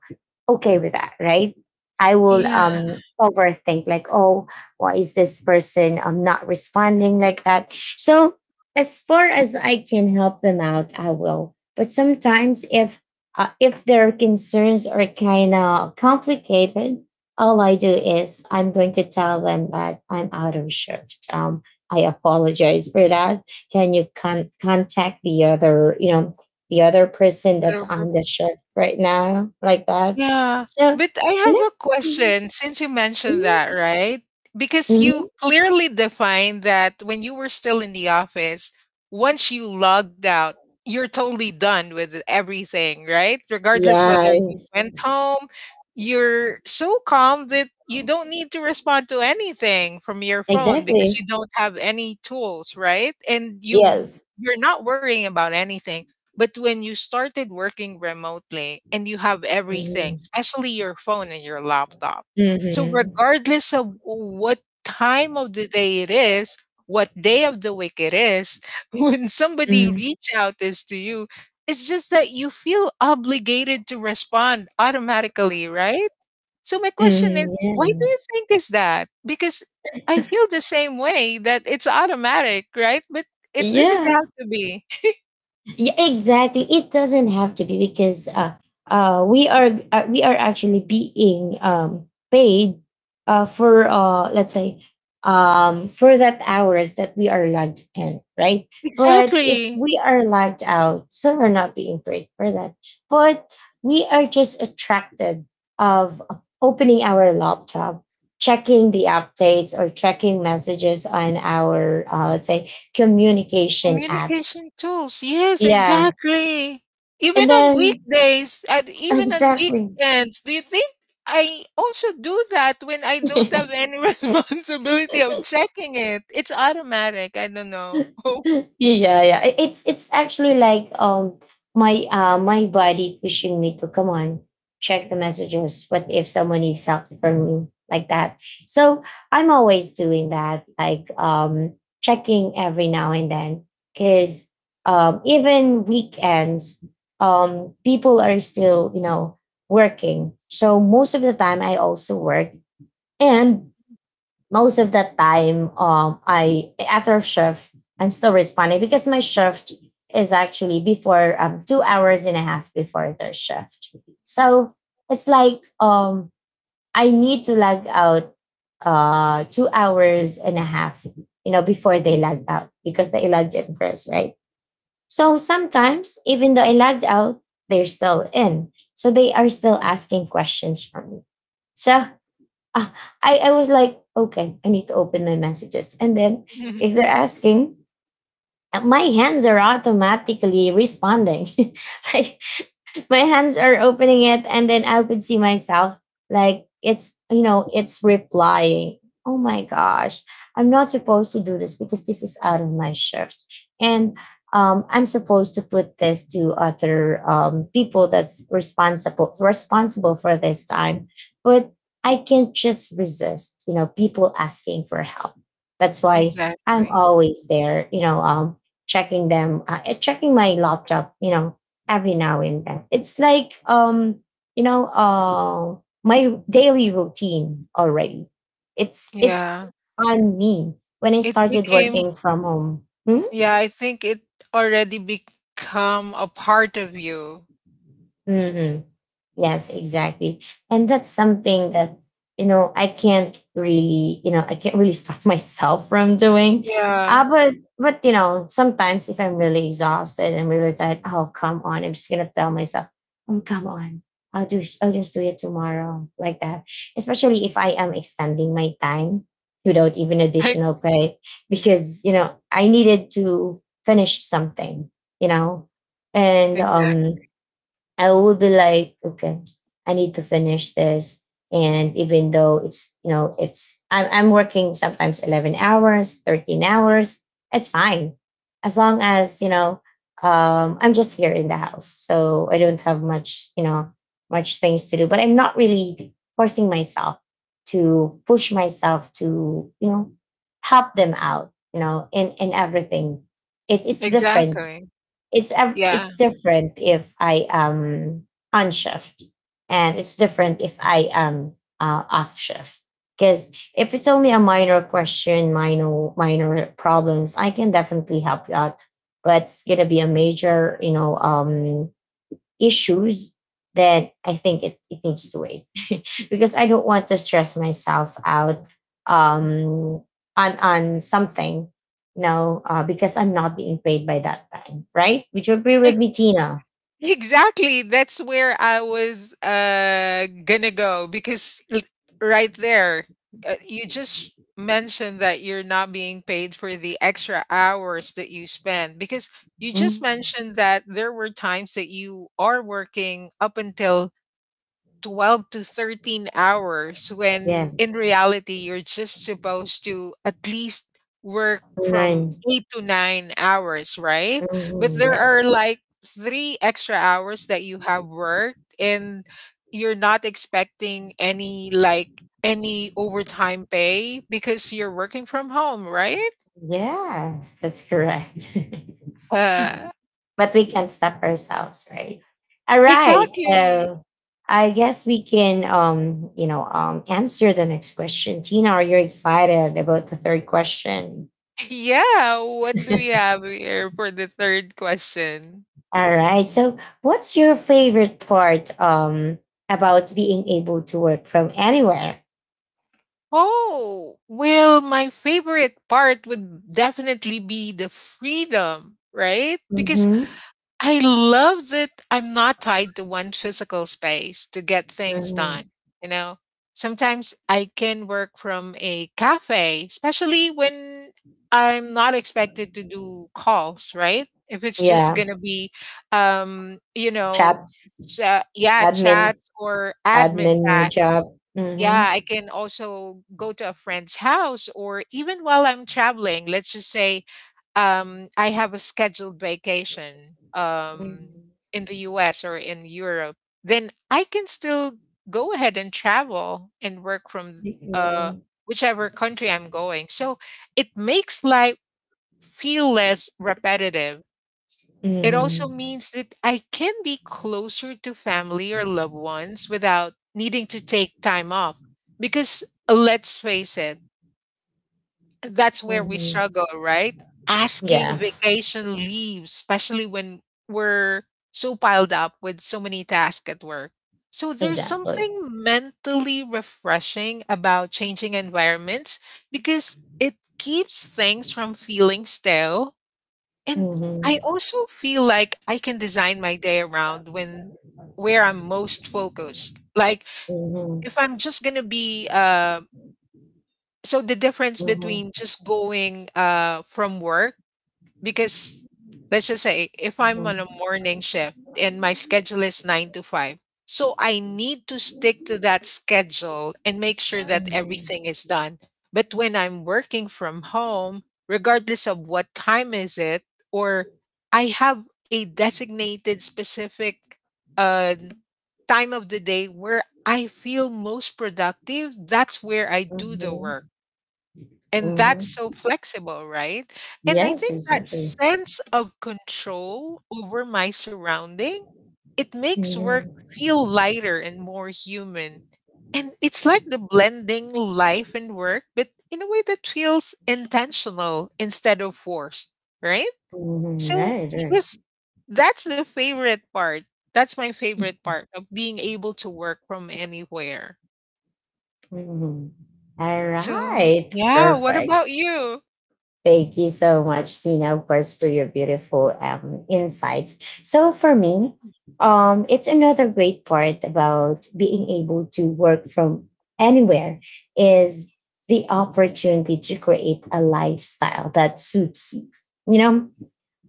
Speaker 1: okay with that, right? I will, overthink, like, oh, why is this person, not responding like that, so as far as I can help them out, I will. But sometimes if, if their concerns are kind of complicated, all I do is I'm going to tell them that I'm out of shift, I apologize for that. Can you contact the other, person that's
Speaker 2: Yeah.
Speaker 1: on the shift right now, like that.
Speaker 2: Yeah,
Speaker 1: So
Speaker 2: but I
Speaker 1: yeah.
Speaker 2: have a
Speaker 1: Mhm.
Speaker 2: question since you mentioned
Speaker 1: Mhm.
Speaker 2: that, right? Because you
Speaker 1: Mhm.
Speaker 2: clearly defined that when you were still in the office, once you logged out, you're totally done with everything, right? Regardless
Speaker 1: Yeah.
Speaker 2: whether you went home, you're so calm that you don't need to respond to anything from your phone because
Speaker 1: Exactly.
Speaker 2: you don't have any tools, right? And
Speaker 1: Yes.
Speaker 2: you're not worrying about anything. But when you started working remotely and you have everything,
Speaker 1: Mhm.
Speaker 2: especially your phone and your laptop. So,
Speaker 1: Mhm.
Speaker 2: regardless of what time of the day it is, what day of the week it is, when somebody
Speaker 1: Mm,
Speaker 2: reach out this to you, it's just that you feel obligated to respond automatically, right? So my question is,
Speaker 1: mhm,
Speaker 2: why do
Speaker 1: yeah.
Speaker 2: you think is that? Because I feel the same way that it's automatic, right? But it doesn't
Speaker 1: Yeah.
Speaker 2: have to be.
Speaker 1: Yeah, exactly. It doesn't have to be because, we are actually being, paid, for let's say for that hours that we are logged in, right? But if
Speaker 2: Exactly.
Speaker 1: we are logged out, so we're not being paid for that. But we are just attracted of opening our laptop, checking the updates or checking messages on our, let's say, communication apps.
Speaker 2: Communication tools. Yes,
Speaker 1: Yeah,
Speaker 2: exactly. Even
Speaker 1: and
Speaker 2: on
Speaker 1: then
Speaker 2: weekdays and even on
Speaker 1: exactly.
Speaker 2: weekends. Do you think I also do that when I don't have any responsibility of checking it? It's automatic. I don't know.
Speaker 1: Yeah, yeah. It's actually like, my, my body pushing me to come on, check the messages. What if someone needs help from me? Like that. So I'm always doing that, like, checking every now and then. Cause, even weekends, people are still, working. So most of the time I also work, and most of the time, I, after shift, I'm still responding because my shift is actually before, 2 hours and a half before the shift. So it's like, I need to log out, 2 hours and a half, before they log out because they logged in first, right? So sometimes even though I logged out, they're still in. So they are still asking questions from me. So, ah, I was like, okay, I need to open my messages. And then
Speaker 2: Mhm.
Speaker 1: if they're asking, my hands are automatically responding. Like my hands are opening it and then I could see myself, like, it's, it's replying. Oh my gosh, I'm not supposed to do this because this is out of my shift. And, I'm supposed to put this to other, people that's responsible for this time. But I can't just resist, people asking for help. That's why I'm
Speaker 2: Exactly.
Speaker 1: always there, checking them, checking my laptop, every now and then. It's like, you know, uh, my daily routine already. It's
Speaker 2: Yeah.
Speaker 1: on me when I
Speaker 2: It
Speaker 1: started
Speaker 2: became,
Speaker 1: working from home. Hmm?
Speaker 2: yeah, I think it already become a part of you.
Speaker 1: Mhm. Yes, exactly. And that's something that, I can't really, I can't really stop myself from doing. Uh,
Speaker 2: Yeah.
Speaker 1: but, but, you know, sometimes if I'm really exhausted and really tired, oh, come on. I'm just going to tell myself, oh, come on. I'll just do it tomorrow like that. Especially if I am extending my time without even additional pay because, you know, I needed to finish something, you know, and
Speaker 2: Exactly.
Speaker 1: I will be like, okay, I need to finish this. And even though it's, you know, it's, I'm working sometimes 11 hours, 13 hours, it's fine. As long as, you know, I'm just here in the house. So I don't have much, you know, much things to do, but I'm not really forcing myself to push myself to, you know, help them out, you know, in everything. It is different,
Speaker 2: Exactly. Yeah.
Speaker 1: it's different if I am on shift, and it's different if I am off shift. Because if it's only a minor question, minor problems, I can definitely help you out. But it's gonna be a major, you know, issues that it needs to wait because I don't want to stress myself out um, on something, you know, because I'm not being paid by that time, right? Would you agree with me, Tina?
Speaker 2: Exactly. That's where I was gonna go because right there, you just mentioned that you're not being paid for the extra hours that you spend because you just
Speaker 1: Mm,
Speaker 2: mentioned that there were times that you are working up until 12 to 13 hours when in
Speaker 1: yes.
Speaker 2: reality you're just supposed to at least work from
Speaker 1: Nine.
Speaker 2: 8 to 9 hours, right? But
Speaker 1: Mhm,
Speaker 2: there
Speaker 1: yes.
Speaker 2: are like 3 extra hours that you have worked and you're not expecting any overtime pay because you're working from home, right?
Speaker 1: Yes, that's correct.
Speaker 2: Uh
Speaker 1: But we can't stop ourselves, right? All right.
Speaker 2: exactly.
Speaker 1: So I guess we can, you know, answer the next question. Tina, are you excited about the third question?
Speaker 2: Yeah, what do we have here for the third question?
Speaker 1: All right. So, what's your favorite part about being able to work from anywhere?
Speaker 2: Oh, well, my favorite part would definitely be the freedom, right? Because
Speaker 1: Mm-hmm.
Speaker 2: I love that I'm not tied to one physical space to get things
Speaker 1: Hmm.
Speaker 2: done. You know, sometimes I can work from a cafe, especially when I'm not expected to do calls, right? If it's just
Speaker 1: Yeah,
Speaker 2: going to be, you know,
Speaker 1: chats,
Speaker 2: yeah,
Speaker 1: admin,
Speaker 2: chats or admin
Speaker 1: admin
Speaker 2: tasks
Speaker 1: job. Mm-hmm.
Speaker 2: yeah, I can also go to a friend's house or even while I'm traveling, let's just say I have a scheduled vacation
Speaker 1: Mm-hmm.
Speaker 2: in the US or in Europe, then I can still go ahead and travel and work from uh,
Speaker 1: Mm-hmm.
Speaker 2: whichever country I'm going. So it makes life feel less repetitive it
Speaker 1: Mm-hmm.
Speaker 2: also means that I can be closer to family or loved ones without needing to take time off. Because let's face it, that's where we
Speaker 1: Mm-hmm.
Speaker 2: struggle, right? Asking
Speaker 1: Yeah,
Speaker 2: vacation leave, especially when we're so piled up with so many tasks at work. So there's
Speaker 1: exactly.
Speaker 2: something mentally refreshing about changing environments because it keeps things from feeling stale and I
Speaker 1: Mhm,
Speaker 2: also feel like I can design my day around when where I'm most focused. Like
Speaker 1: mhm,
Speaker 2: if I'm just gonna be so the difference
Speaker 1: mhm,
Speaker 2: between just going from work because let's just say if I'm
Speaker 1: mhm,
Speaker 2: on a morning shift and my schedule is 9 to 5, so I need to stick to that schedule and make sure that
Speaker 1: mhm,
Speaker 2: everything is done. But when I'm working from home, regardless of what time is it or I have a designated specific uh time of the day where I feel most productive, that's where I do the
Speaker 1: mhm,
Speaker 2: work. And that's so
Speaker 1: mhm.
Speaker 2: flexible, right? And I
Speaker 1: Yes,
Speaker 2: think that
Speaker 1: exactly.
Speaker 2: sense of control over my surrounding, it makes work
Speaker 1: Mhm,
Speaker 2: feel lighter and more human. And it's like the blending life and work, but in a way that feels intentional instead of forced, right?
Speaker 1: mhm,
Speaker 2: So
Speaker 1: right,
Speaker 2: I
Speaker 1: right.
Speaker 2: guess that's the favorite part. That's my favorite part of being able to work from anywhere.
Speaker 1: Mhm. All
Speaker 2: So,
Speaker 1: right,
Speaker 2: yeah, what
Speaker 1: perfect.
Speaker 2: about you?
Speaker 1: Thank you so much, Tina, of course, for your beautiful insights. So for me, it's another great part about being able to work from anywhere is the opportunity to create a lifestyle that suits you. You know,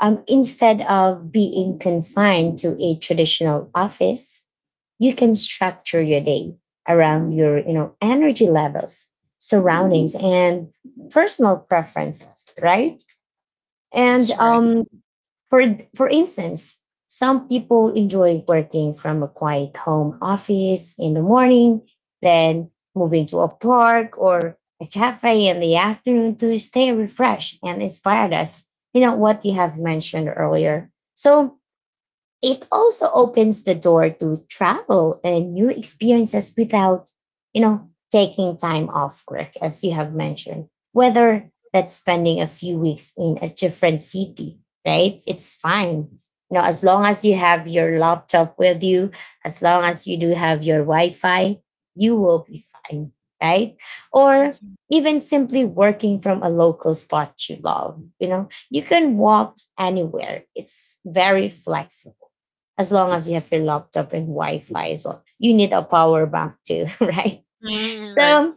Speaker 1: instead of being confined to a traditional office, you can structure your day around your, you know, energy levels, surroundings, and personal preferences, right? And
Speaker 2: That's right.
Speaker 1: for instance, some people enjoy working from a quiet home office in the morning, then moving to a park or a cafe in the afternoon to stay refreshed and inspired us. You know what you have mentioned earlier. So it also opens the door to travel and new experiences without, you know, taking time off work, as you have mentioned. Whether that's spending a few weeks in a different city, right? It's fine. You know, as long as you have your laptop with you, as long as you do have your Wi Fi, you will be fine, right? Or even simply working from a local spot you love, you know, you can walk anywhere. It's very flexible as long as you have your laptop and Wi-Fi as well. You need a power bank too, right?
Speaker 2: Mm, right.
Speaker 1: So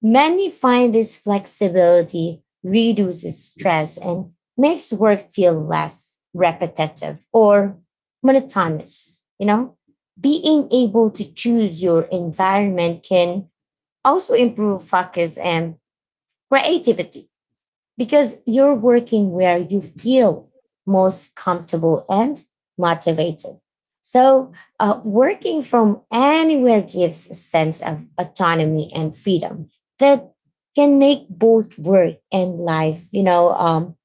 Speaker 1: many find this flexibility reduces stress and makes work feel less repetitive or monotonous, you know? Being able to choose your environment can also improve focus and creativity because you're working where you feel most comfortable and motivated. So, working from anywhere gives a sense of autonomy and freedom that can make both work and life, you know,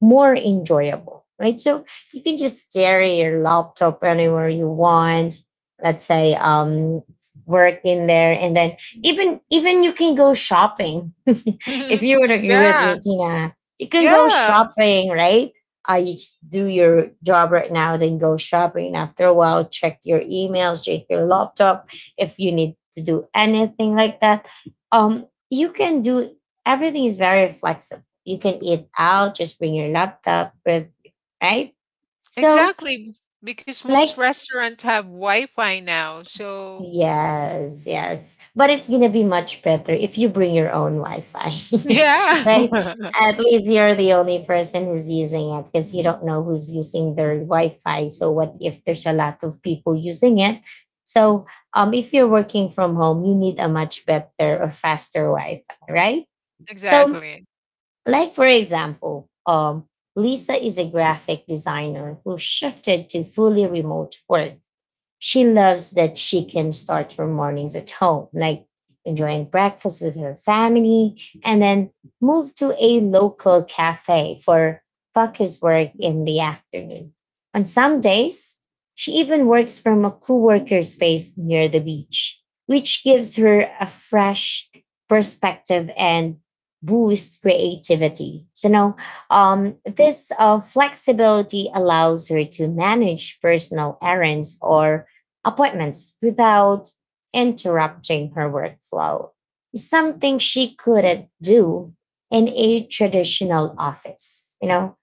Speaker 1: more enjoyable, right? So you can just carry your laptop anywhere you want. Let's say work in there, and then even you can go shopping if you would agree with
Speaker 2: Yeah,
Speaker 1: me, Tina, you can go
Speaker 2: yeah,
Speaker 1: shopping, right? You just do your job right now, then go shopping. After a while, check your emails, check your laptop. If you need to do anything like that, you can do everything is very flexible. You can eat out, just bring your laptop with, right? So,
Speaker 2: exactly, because most
Speaker 1: like
Speaker 2: restaurants have Wi-Fi now, so
Speaker 1: Yes, yes. But it's gonna be much better if you bring your own Wi-Fi,
Speaker 2: yeah.
Speaker 1: right? At least you're the only person who's using it because you don't know who's using their Wi-Fi. So what if there's a lot of people using it? So if you're working from home, you need a much better or faster Wi-Fi, right? So,
Speaker 2: Exactly,
Speaker 1: like for example, Lisa is a graphic designer who shifted to fully remote work. She loves that she can start her mornings at home, like enjoying breakfast with her family, and then move to a local cafe for focus work in the afternoon. On some days, she even works from a co-worker space near the beach, which gives her a fresh perspective and boost creativity. So now, this flexibility allows her to manage personal errands or appointments without interrupting her workflow, something she couldn't do in a traditional office. You know,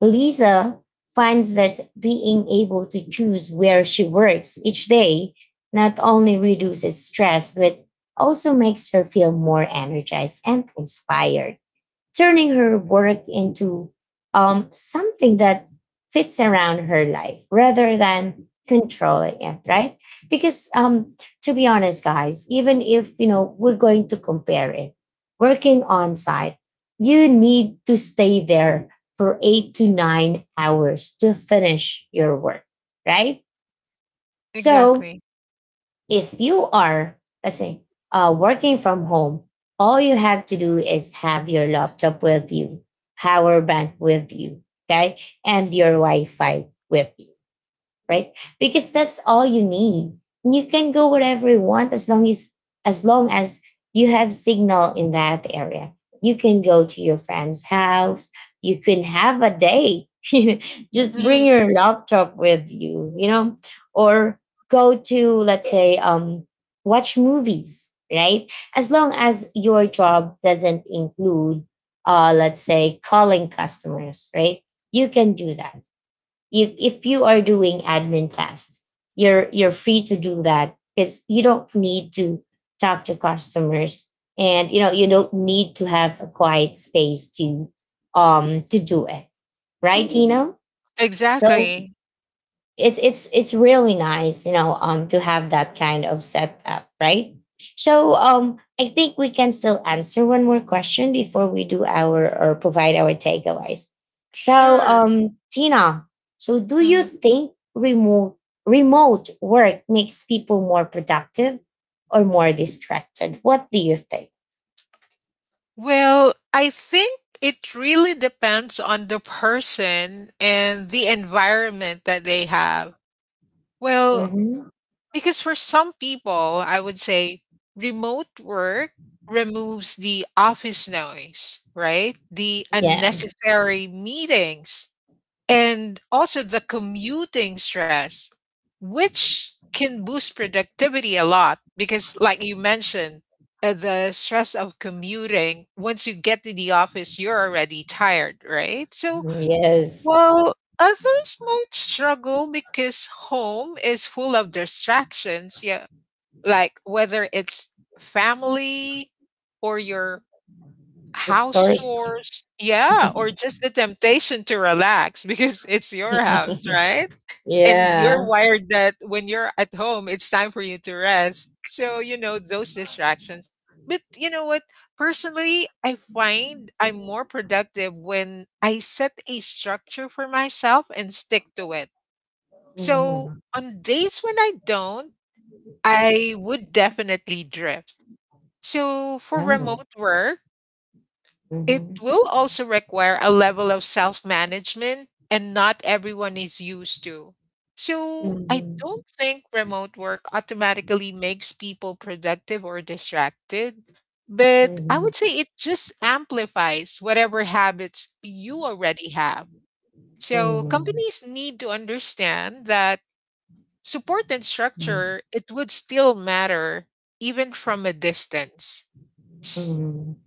Speaker 1: Lisa finds that being able to choose where she works each day not only reduces stress, but also makes her feel more energized and inspired, turning her work into something that fits around her life rather than controlling it, right? Because to be honest, guys, even if you know we're going to compare it, working on site, you need to stay there for 8 to 9 hours to finish your work, right? So
Speaker 2: exactly.
Speaker 1: if you are, let's say, working from home, all you have to do is have your laptop with you, power bank with you, okay, and your Wi Fi with you, right? Because that's all you need. You can go wherever you want as long as you have signal in that area. You can go to your friend's house. You can have a day. Just bring
Speaker 2: Mhm,
Speaker 1: your laptop with you, you know, or go to, let's say, watch movies, right? As long as your job doesn't include, let's say, calling customers, right? You can do that. You if you are doing admin tasks, you're free to do that because you don't need to talk to customers and you know you don't need to have a quiet space to do it, right? Mhm. Tino, so
Speaker 2: exactly.
Speaker 1: it's it's really nice, you know, to have that kind of setup, right? So I think we can still answer one more question before we do our or provide our takeaways. So
Speaker 2: Sure.
Speaker 1: Tina, so do you
Speaker 2: Mhm.
Speaker 1: think remote work makes people more productive or more distracted? What do you think?
Speaker 2: Well, I think it really depends on the person and the environment that they have. Well,
Speaker 1: Hmm.
Speaker 2: because for some people, I would say remote work removes the office noise, right? The
Speaker 1: Yeah.
Speaker 2: unnecessary meetings and also the commuting stress, which can boost productivity a lot. Because, like you mentioned, the stress of commuting, once you get to the office, you're already tired, right? So,
Speaker 1: Yes,
Speaker 2: well, others might struggle because home is full of distractions. Yeah. Like whether it's family or your
Speaker 1: the
Speaker 2: house
Speaker 1: stores.
Speaker 2: chores yeah, or just the temptation to relax because it's your house, right? And you're
Speaker 1: Yeah.
Speaker 2: wired that when you're at home, it's time for you to rest. So, you know, those distractions. But you know what? Personally, I find I'm more productive when I set a structure for myself and stick to it. So,
Speaker 1: Mhm.
Speaker 2: on days when I don't, I would definitely drift. So, for
Speaker 1: Yeah.
Speaker 2: remote work, it will also require a level of self management, and not everyone is used to. So, I don't
Speaker 1: Hmm.
Speaker 2: think remote work automatically makes people productive or distracted, but I would
Speaker 1: Mhm.
Speaker 2: say it just amplifies whatever habits you already have. So,
Speaker 1: Mhm.
Speaker 2: companies need to understand that support and structure, it would still matter even from a distance.
Speaker 1: Mhm.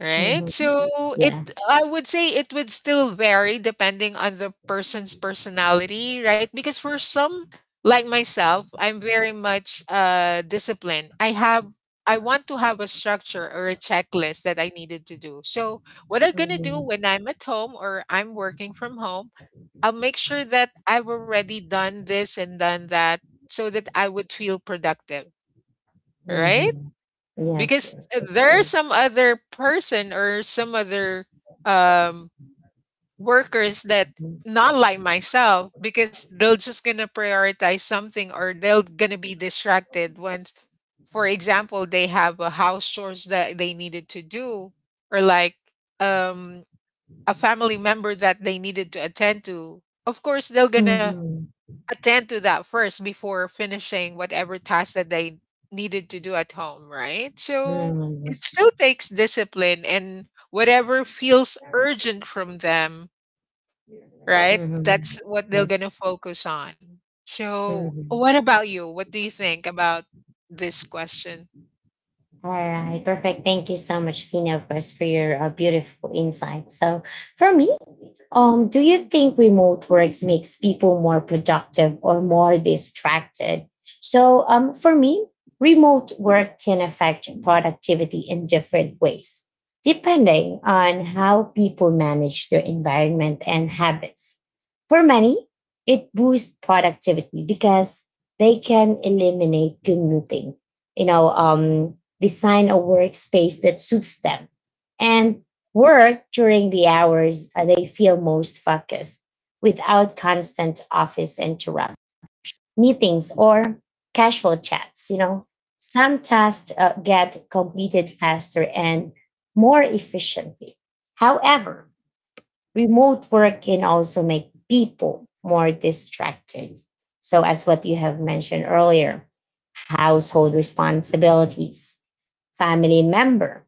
Speaker 2: Right?
Speaker 1: Mhm.
Speaker 2: So it
Speaker 1: Yeah.
Speaker 2: I would say it would still vary depending on the person's personality, right? Because for some like myself, I'm very much disciplined. I want to have a structure or a checklist that I needed to do. So what I'm going to do
Speaker 1: Mhm.
Speaker 2: when I'm at home or I'm working from home, I'll make sure that I've already done this and done that so that I would feel productive, right?
Speaker 1: Mhm. Yes,
Speaker 2: Because
Speaker 1: yes, that's
Speaker 2: there's
Speaker 1: good.
Speaker 2: some other person or some other um workers that not like myself because they'll just gonna prioritize something or they'll gonna be distracted once for example they have a house chores that they needed to do or like um a family member that they needed to attend to of course they're gonna
Speaker 1: Mhm.
Speaker 2: attend to that first before finishing whatever task that they needed to do at home, right? So
Speaker 1: Mhm.
Speaker 2: it
Speaker 1: Yes.
Speaker 2: still takes discipline and whatever feels urgent from them, right?
Speaker 1: Mhm.
Speaker 2: That's what they're going
Speaker 1: Yes.
Speaker 2: to focus on. So, what
Speaker 1: Mhm.
Speaker 2: about you? What do you think about this question?
Speaker 1: All right. Perfect. Thank you so much, Tina, of course, for your beautiful insight. So, for me, um, do
Speaker 2: Mm,
Speaker 1: you think remote works makes people more productive or more distracted? So, for me, remote work can affect productivity in different ways, depending on how people manage their environment and habits. For many, it boosts productivity because they can eliminate commuting, you know, design a workspace that suits them and work during the hours they feel most focused without constant office interrupt meetings or casual chats. You know, some tasks get completed faster and more efficiently. However, remote work can also make people more distracted. So, as what you have mentioned earlier, household responsibilities, family member,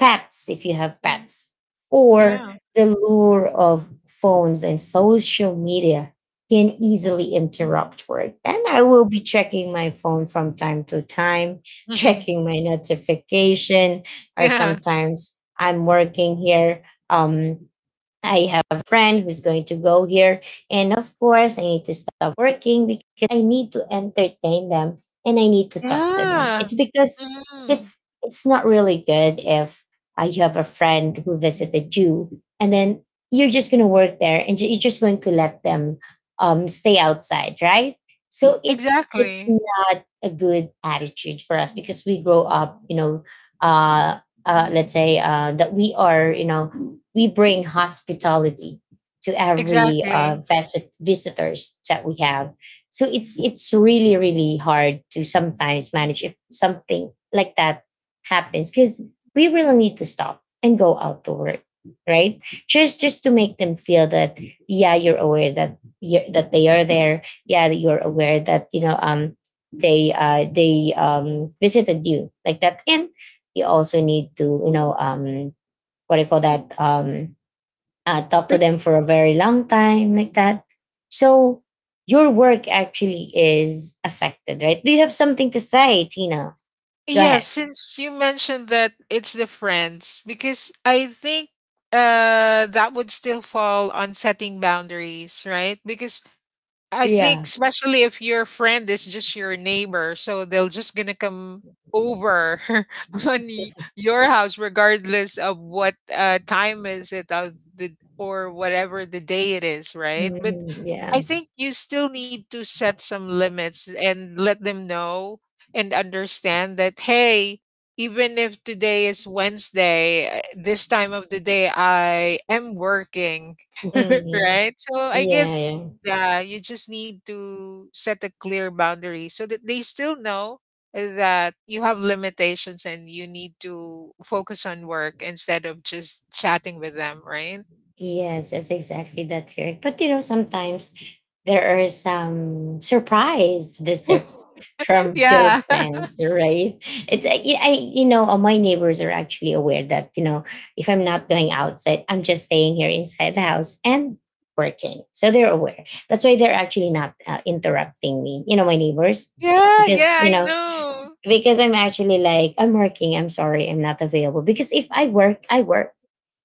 Speaker 1: pets if you have pets, or
Speaker 2: yeah.
Speaker 1: the lure of phones and social media can easily interrupt work. And I will be checking my phone from time to time, checking my notification, or
Speaker 2: Yeah.
Speaker 1: sometimes I'm working here. Um, I have a friend who's going to go here. And of course, I need to stop working because I need to entertain them and I need to talk to them.
Speaker 2: Yeah.
Speaker 1: It's because
Speaker 2: Mm,
Speaker 1: it's not really good if you have a friend who visited you and then you're just going to work there and you're just going to let them stay outside, right? So it's
Speaker 2: exactly.
Speaker 1: not a good attitude for us because we grow up, you know, uh, let's say that we are, you know, we bring hospitality to every
Speaker 2: Exactly.
Speaker 1: visitors that we have. So it's really really hard to sometimes manage if something like that happens because we really need to stop and go out to work, right? Just to make them feel that yeah you're aware that you that they are there, yeah that you're aware that you know they visited you like that and you also need to, you know, what do you call that talk to them for a very long time like that. So your work actually is affected, right? Do you have something to say, Tina? Go
Speaker 2: Yeah,
Speaker 1: ahead.
Speaker 2: since you mentioned that it's the friends, because I think that would still fall on setting boundaries, right? Because I think
Speaker 1: Yeah.
Speaker 2: especially if your friend is just your neighbor, so they'll just gonna come over on your house regardless of what time is it of the, or whatever the day it is, right? But
Speaker 1: Mhm, yeah.
Speaker 2: I think you still need to set some limits and let them know and understand that hey, even if today is Wednesday, this time of the day I am working
Speaker 1: hmm
Speaker 2: right? So I
Speaker 1: yeah,
Speaker 2: guess,
Speaker 1: yeah.
Speaker 2: yeah, you just need to set a clear boundary so that they still know that you have limitations and you need to focus on work instead of just chatting with them, right?
Speaker 1: Yes, that's correct. But you know, sometimes there are some surprise visits from your
Speaker 2: Yeah.
Speaker 1: friends, right? It's like I, my neighbors are actually aware that if I'm not going outside, I'm just staying here inside the house and working. So they're aware. That's why they're actually not interrupting me. You know, my neighbors,
Speaker 2: Yeah,
Speaker 1: because
Speaker 2: yeah, I know.
Speaker 1: because I'm actually like I'm working. I'm sorry, I'm not available. Because if I work, I work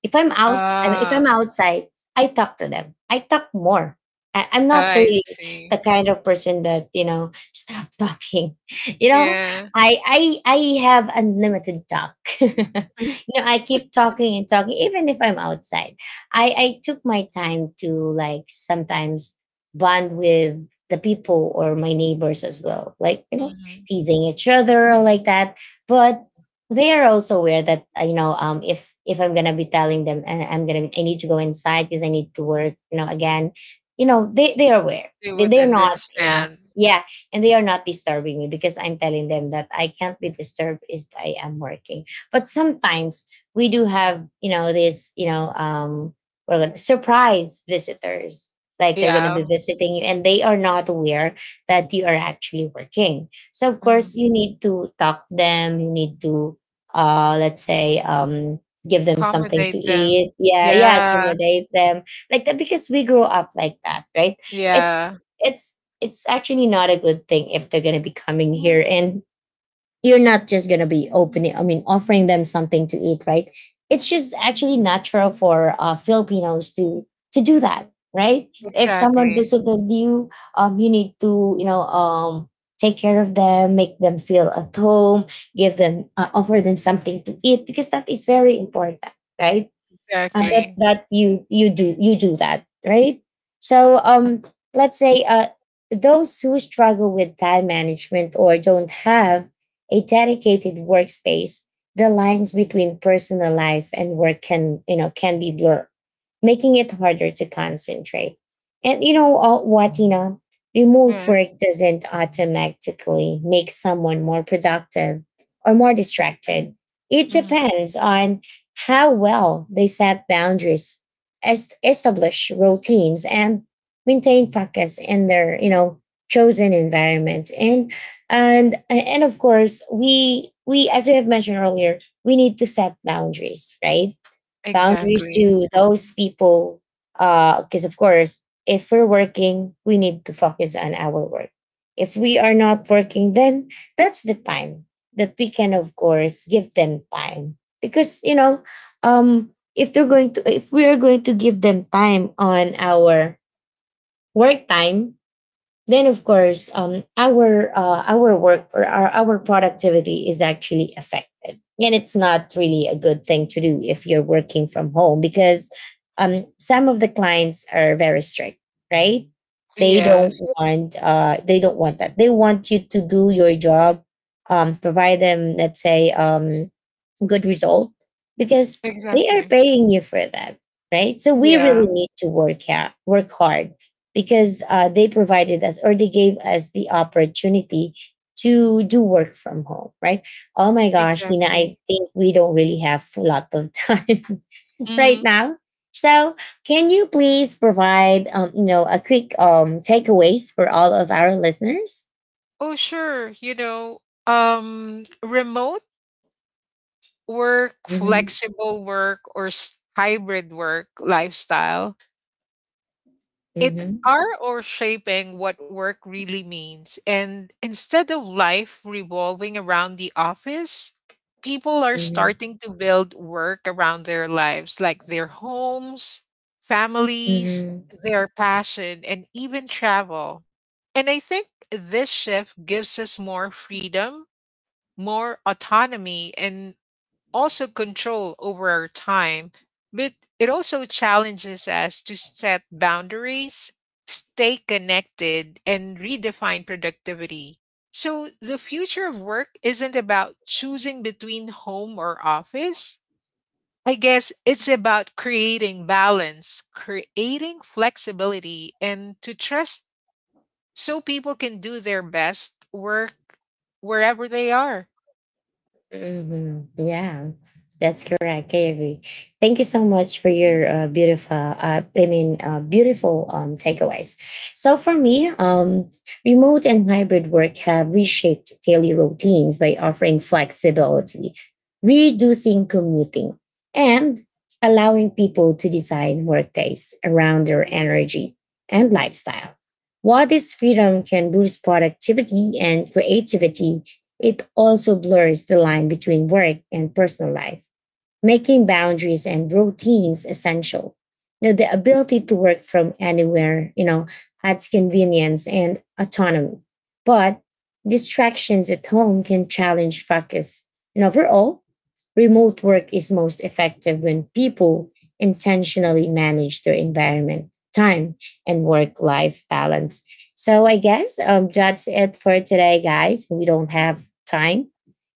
Speaker 1: if I'm out, I mean, if I'm
Speaker 2: Ah,
Speaker 1: outside, I talk to them. I talk more. I'm not
Speaker 2: I
Speaker 1: really
Speaker 2: see.
Speaker 1: the kind of person that stop talking. You know,
Speaker 2: Yeah.
Speaker 1: I I I have unlimited talk. I keep talking and talking, even if I'm outside. I took my time to like sometimes bond with the people or my neighbors as well, like
Speaker 2: Hmm.
Speaker 1: teasing each other or like that. But they are also aware that if I'm gonna be telling them I'm gonna I need to go inside because I need to work again. They are aware.
Speaker 2: They
Speaker 1: they,
Speaker 2: would
Speaker 1: they are not
Speaker 2: understand.
Speaker 1: yeah, and they are not disturbing me because I'm telling them that I can't be disturbed if I am working. But sometimes we do have this well, like, surprise visitors, like they're gonna be
Speaker 2: Yeah.
Speaker 1: visiting you and they are not aware that you are actually working, so of
Speaker 2: Hmm.
Speaker 1: course you need to talk to them, you need to let's say, give them something to
Speaker 2: Accommodate them.
Speaker 1: eat. Yeah, yeah,
Speaker 2: Yeah.
Speaker 1: accommodate them like that because we grow up like that, right? It's
Speaker 2: Yeah.
Speaker 1: it's it's actually not a good thing if they're going to be coming here and you're not just gonna be opening I mean offering them something to eat, right? It's just actually natural for Filipinos to do that, right? If someone
Speaker 2: Exactly.
Speaker 1: visited you, you need to take care of them, make them feel at home, give them offer them something to eat because that is very important, right? That
Speaker 2: Exactly.
Speaker 1: that you do, you do that, right? So let's say those who struggle with time management or don't have a dedicated workspace, the lines between personal life and work can can be blurred, making it harder to concentrate. And what Tina, remote
Speaker 2: Yeah.
Speaker 1: work doesn't automatically make someone more productive or more distracted. It
Speaker 2: Mhm.
Speaker 1: depends on how well they set boundaries, establish routines, and maintain focus in their chosen environment. And of course, we as you have mentioned earlier, we need to set boundaries, right? Boundaries
Speaker 2: Exactly.
Speaker 1: to those people, because of course if we're working we need to focus on our work. If we are not working then that's the time that we can of course give them time, because if they're going to if we are going to give them time on our work time, then of course our work or our productivity is actually affected, and it's not really a good thing to do if you're working from home because some of the clients are very strict, right? They don't
Speaker 2: Yes,
Speaker 1: want they don't want that, they want you to do your job, provide them let's say good result because they are
Speaker 2: exactly.
Speaker 1: paying you for that, right? So we
Speaker 2: Yeah,
Speaker 1: really need to work out work hard because they provided us or they gave us the opportunity to do work from home, right? Oh my gosh, Tina, I
Speaker 2: exactly.
Speaker 1: think we don't really have a lot of time right
Speaker 2: Hmm.
Speaker 1: now. So, can you please provide, a quick takeaways for all of our listeners?
Speaker 2: Oh, sure. You know, remote work,
Speaker 1: Mm-hmm,
Speaker 2: flexible work, or hybrid work lifestyle it
Speaker 1: mm-hmm,
Speaker 2: are or shaping what work really means. And instead of life revolving around the office, people are starting to build work around their lives, like their homes, families,
Speaker 1: mm-hmm,
Speaker 2: their passion, and even travel. And I think this shift gives us more freedom, more autonomy, and also control over our time, but it also challenges us to set boundaries, stay connected, and redefine productivity. So, the future of work isn't about choosing between home or office. I guess it's about creating balance, creating flexibility, and to trust so people can do their best work wherever they are.
Speaker 1: hmm. Yeah, that's correct. I agree. Thank you so much for your beautiful, beautiful takeaways. So for me, remote and hybrid work have reshaped daily routines by offering flexibility, reducing commuting, and allowing people to design workdays around their energy and lifestyle. While this freedom can boost productivity and creativity, it also blurs the line between work and personal life, making boundaries and routines essential. You know, the ability to work from anywhere, you know, adds convenience and autonomy. But distractions at home can challenge focus. And overall, remote work is most effective when people intentionally manage their environment, time, and work life balance. So I guess that's it for today, guys. We don't have time,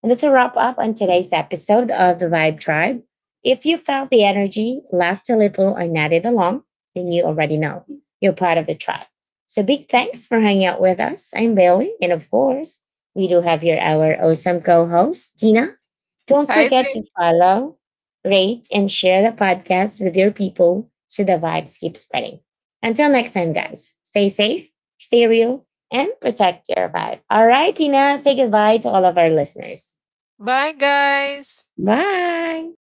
Speaker 1: and that's a wrap up on today's episode of the Vibe Tribe. If you felt the energy, laughed a little, or nodded along, then you already know you're part of the tribe. So big thanks for hanging out with us. I'm Bailey, and of course, we do have your our awesome co-host, Tina. Don't
Speaker 2: Hi
Speaker 1: forget
Speaker 2: there.
Speaker 1: to follow, rate, and share the podcast with your people so the vibes keep spreading. Until next time, guys, stay safe, stay real, and protect your vibe. All right, Tina, say goodbye to all of our listeners.
Speaker 2: Bye, guys.
Speaker 1: Bye.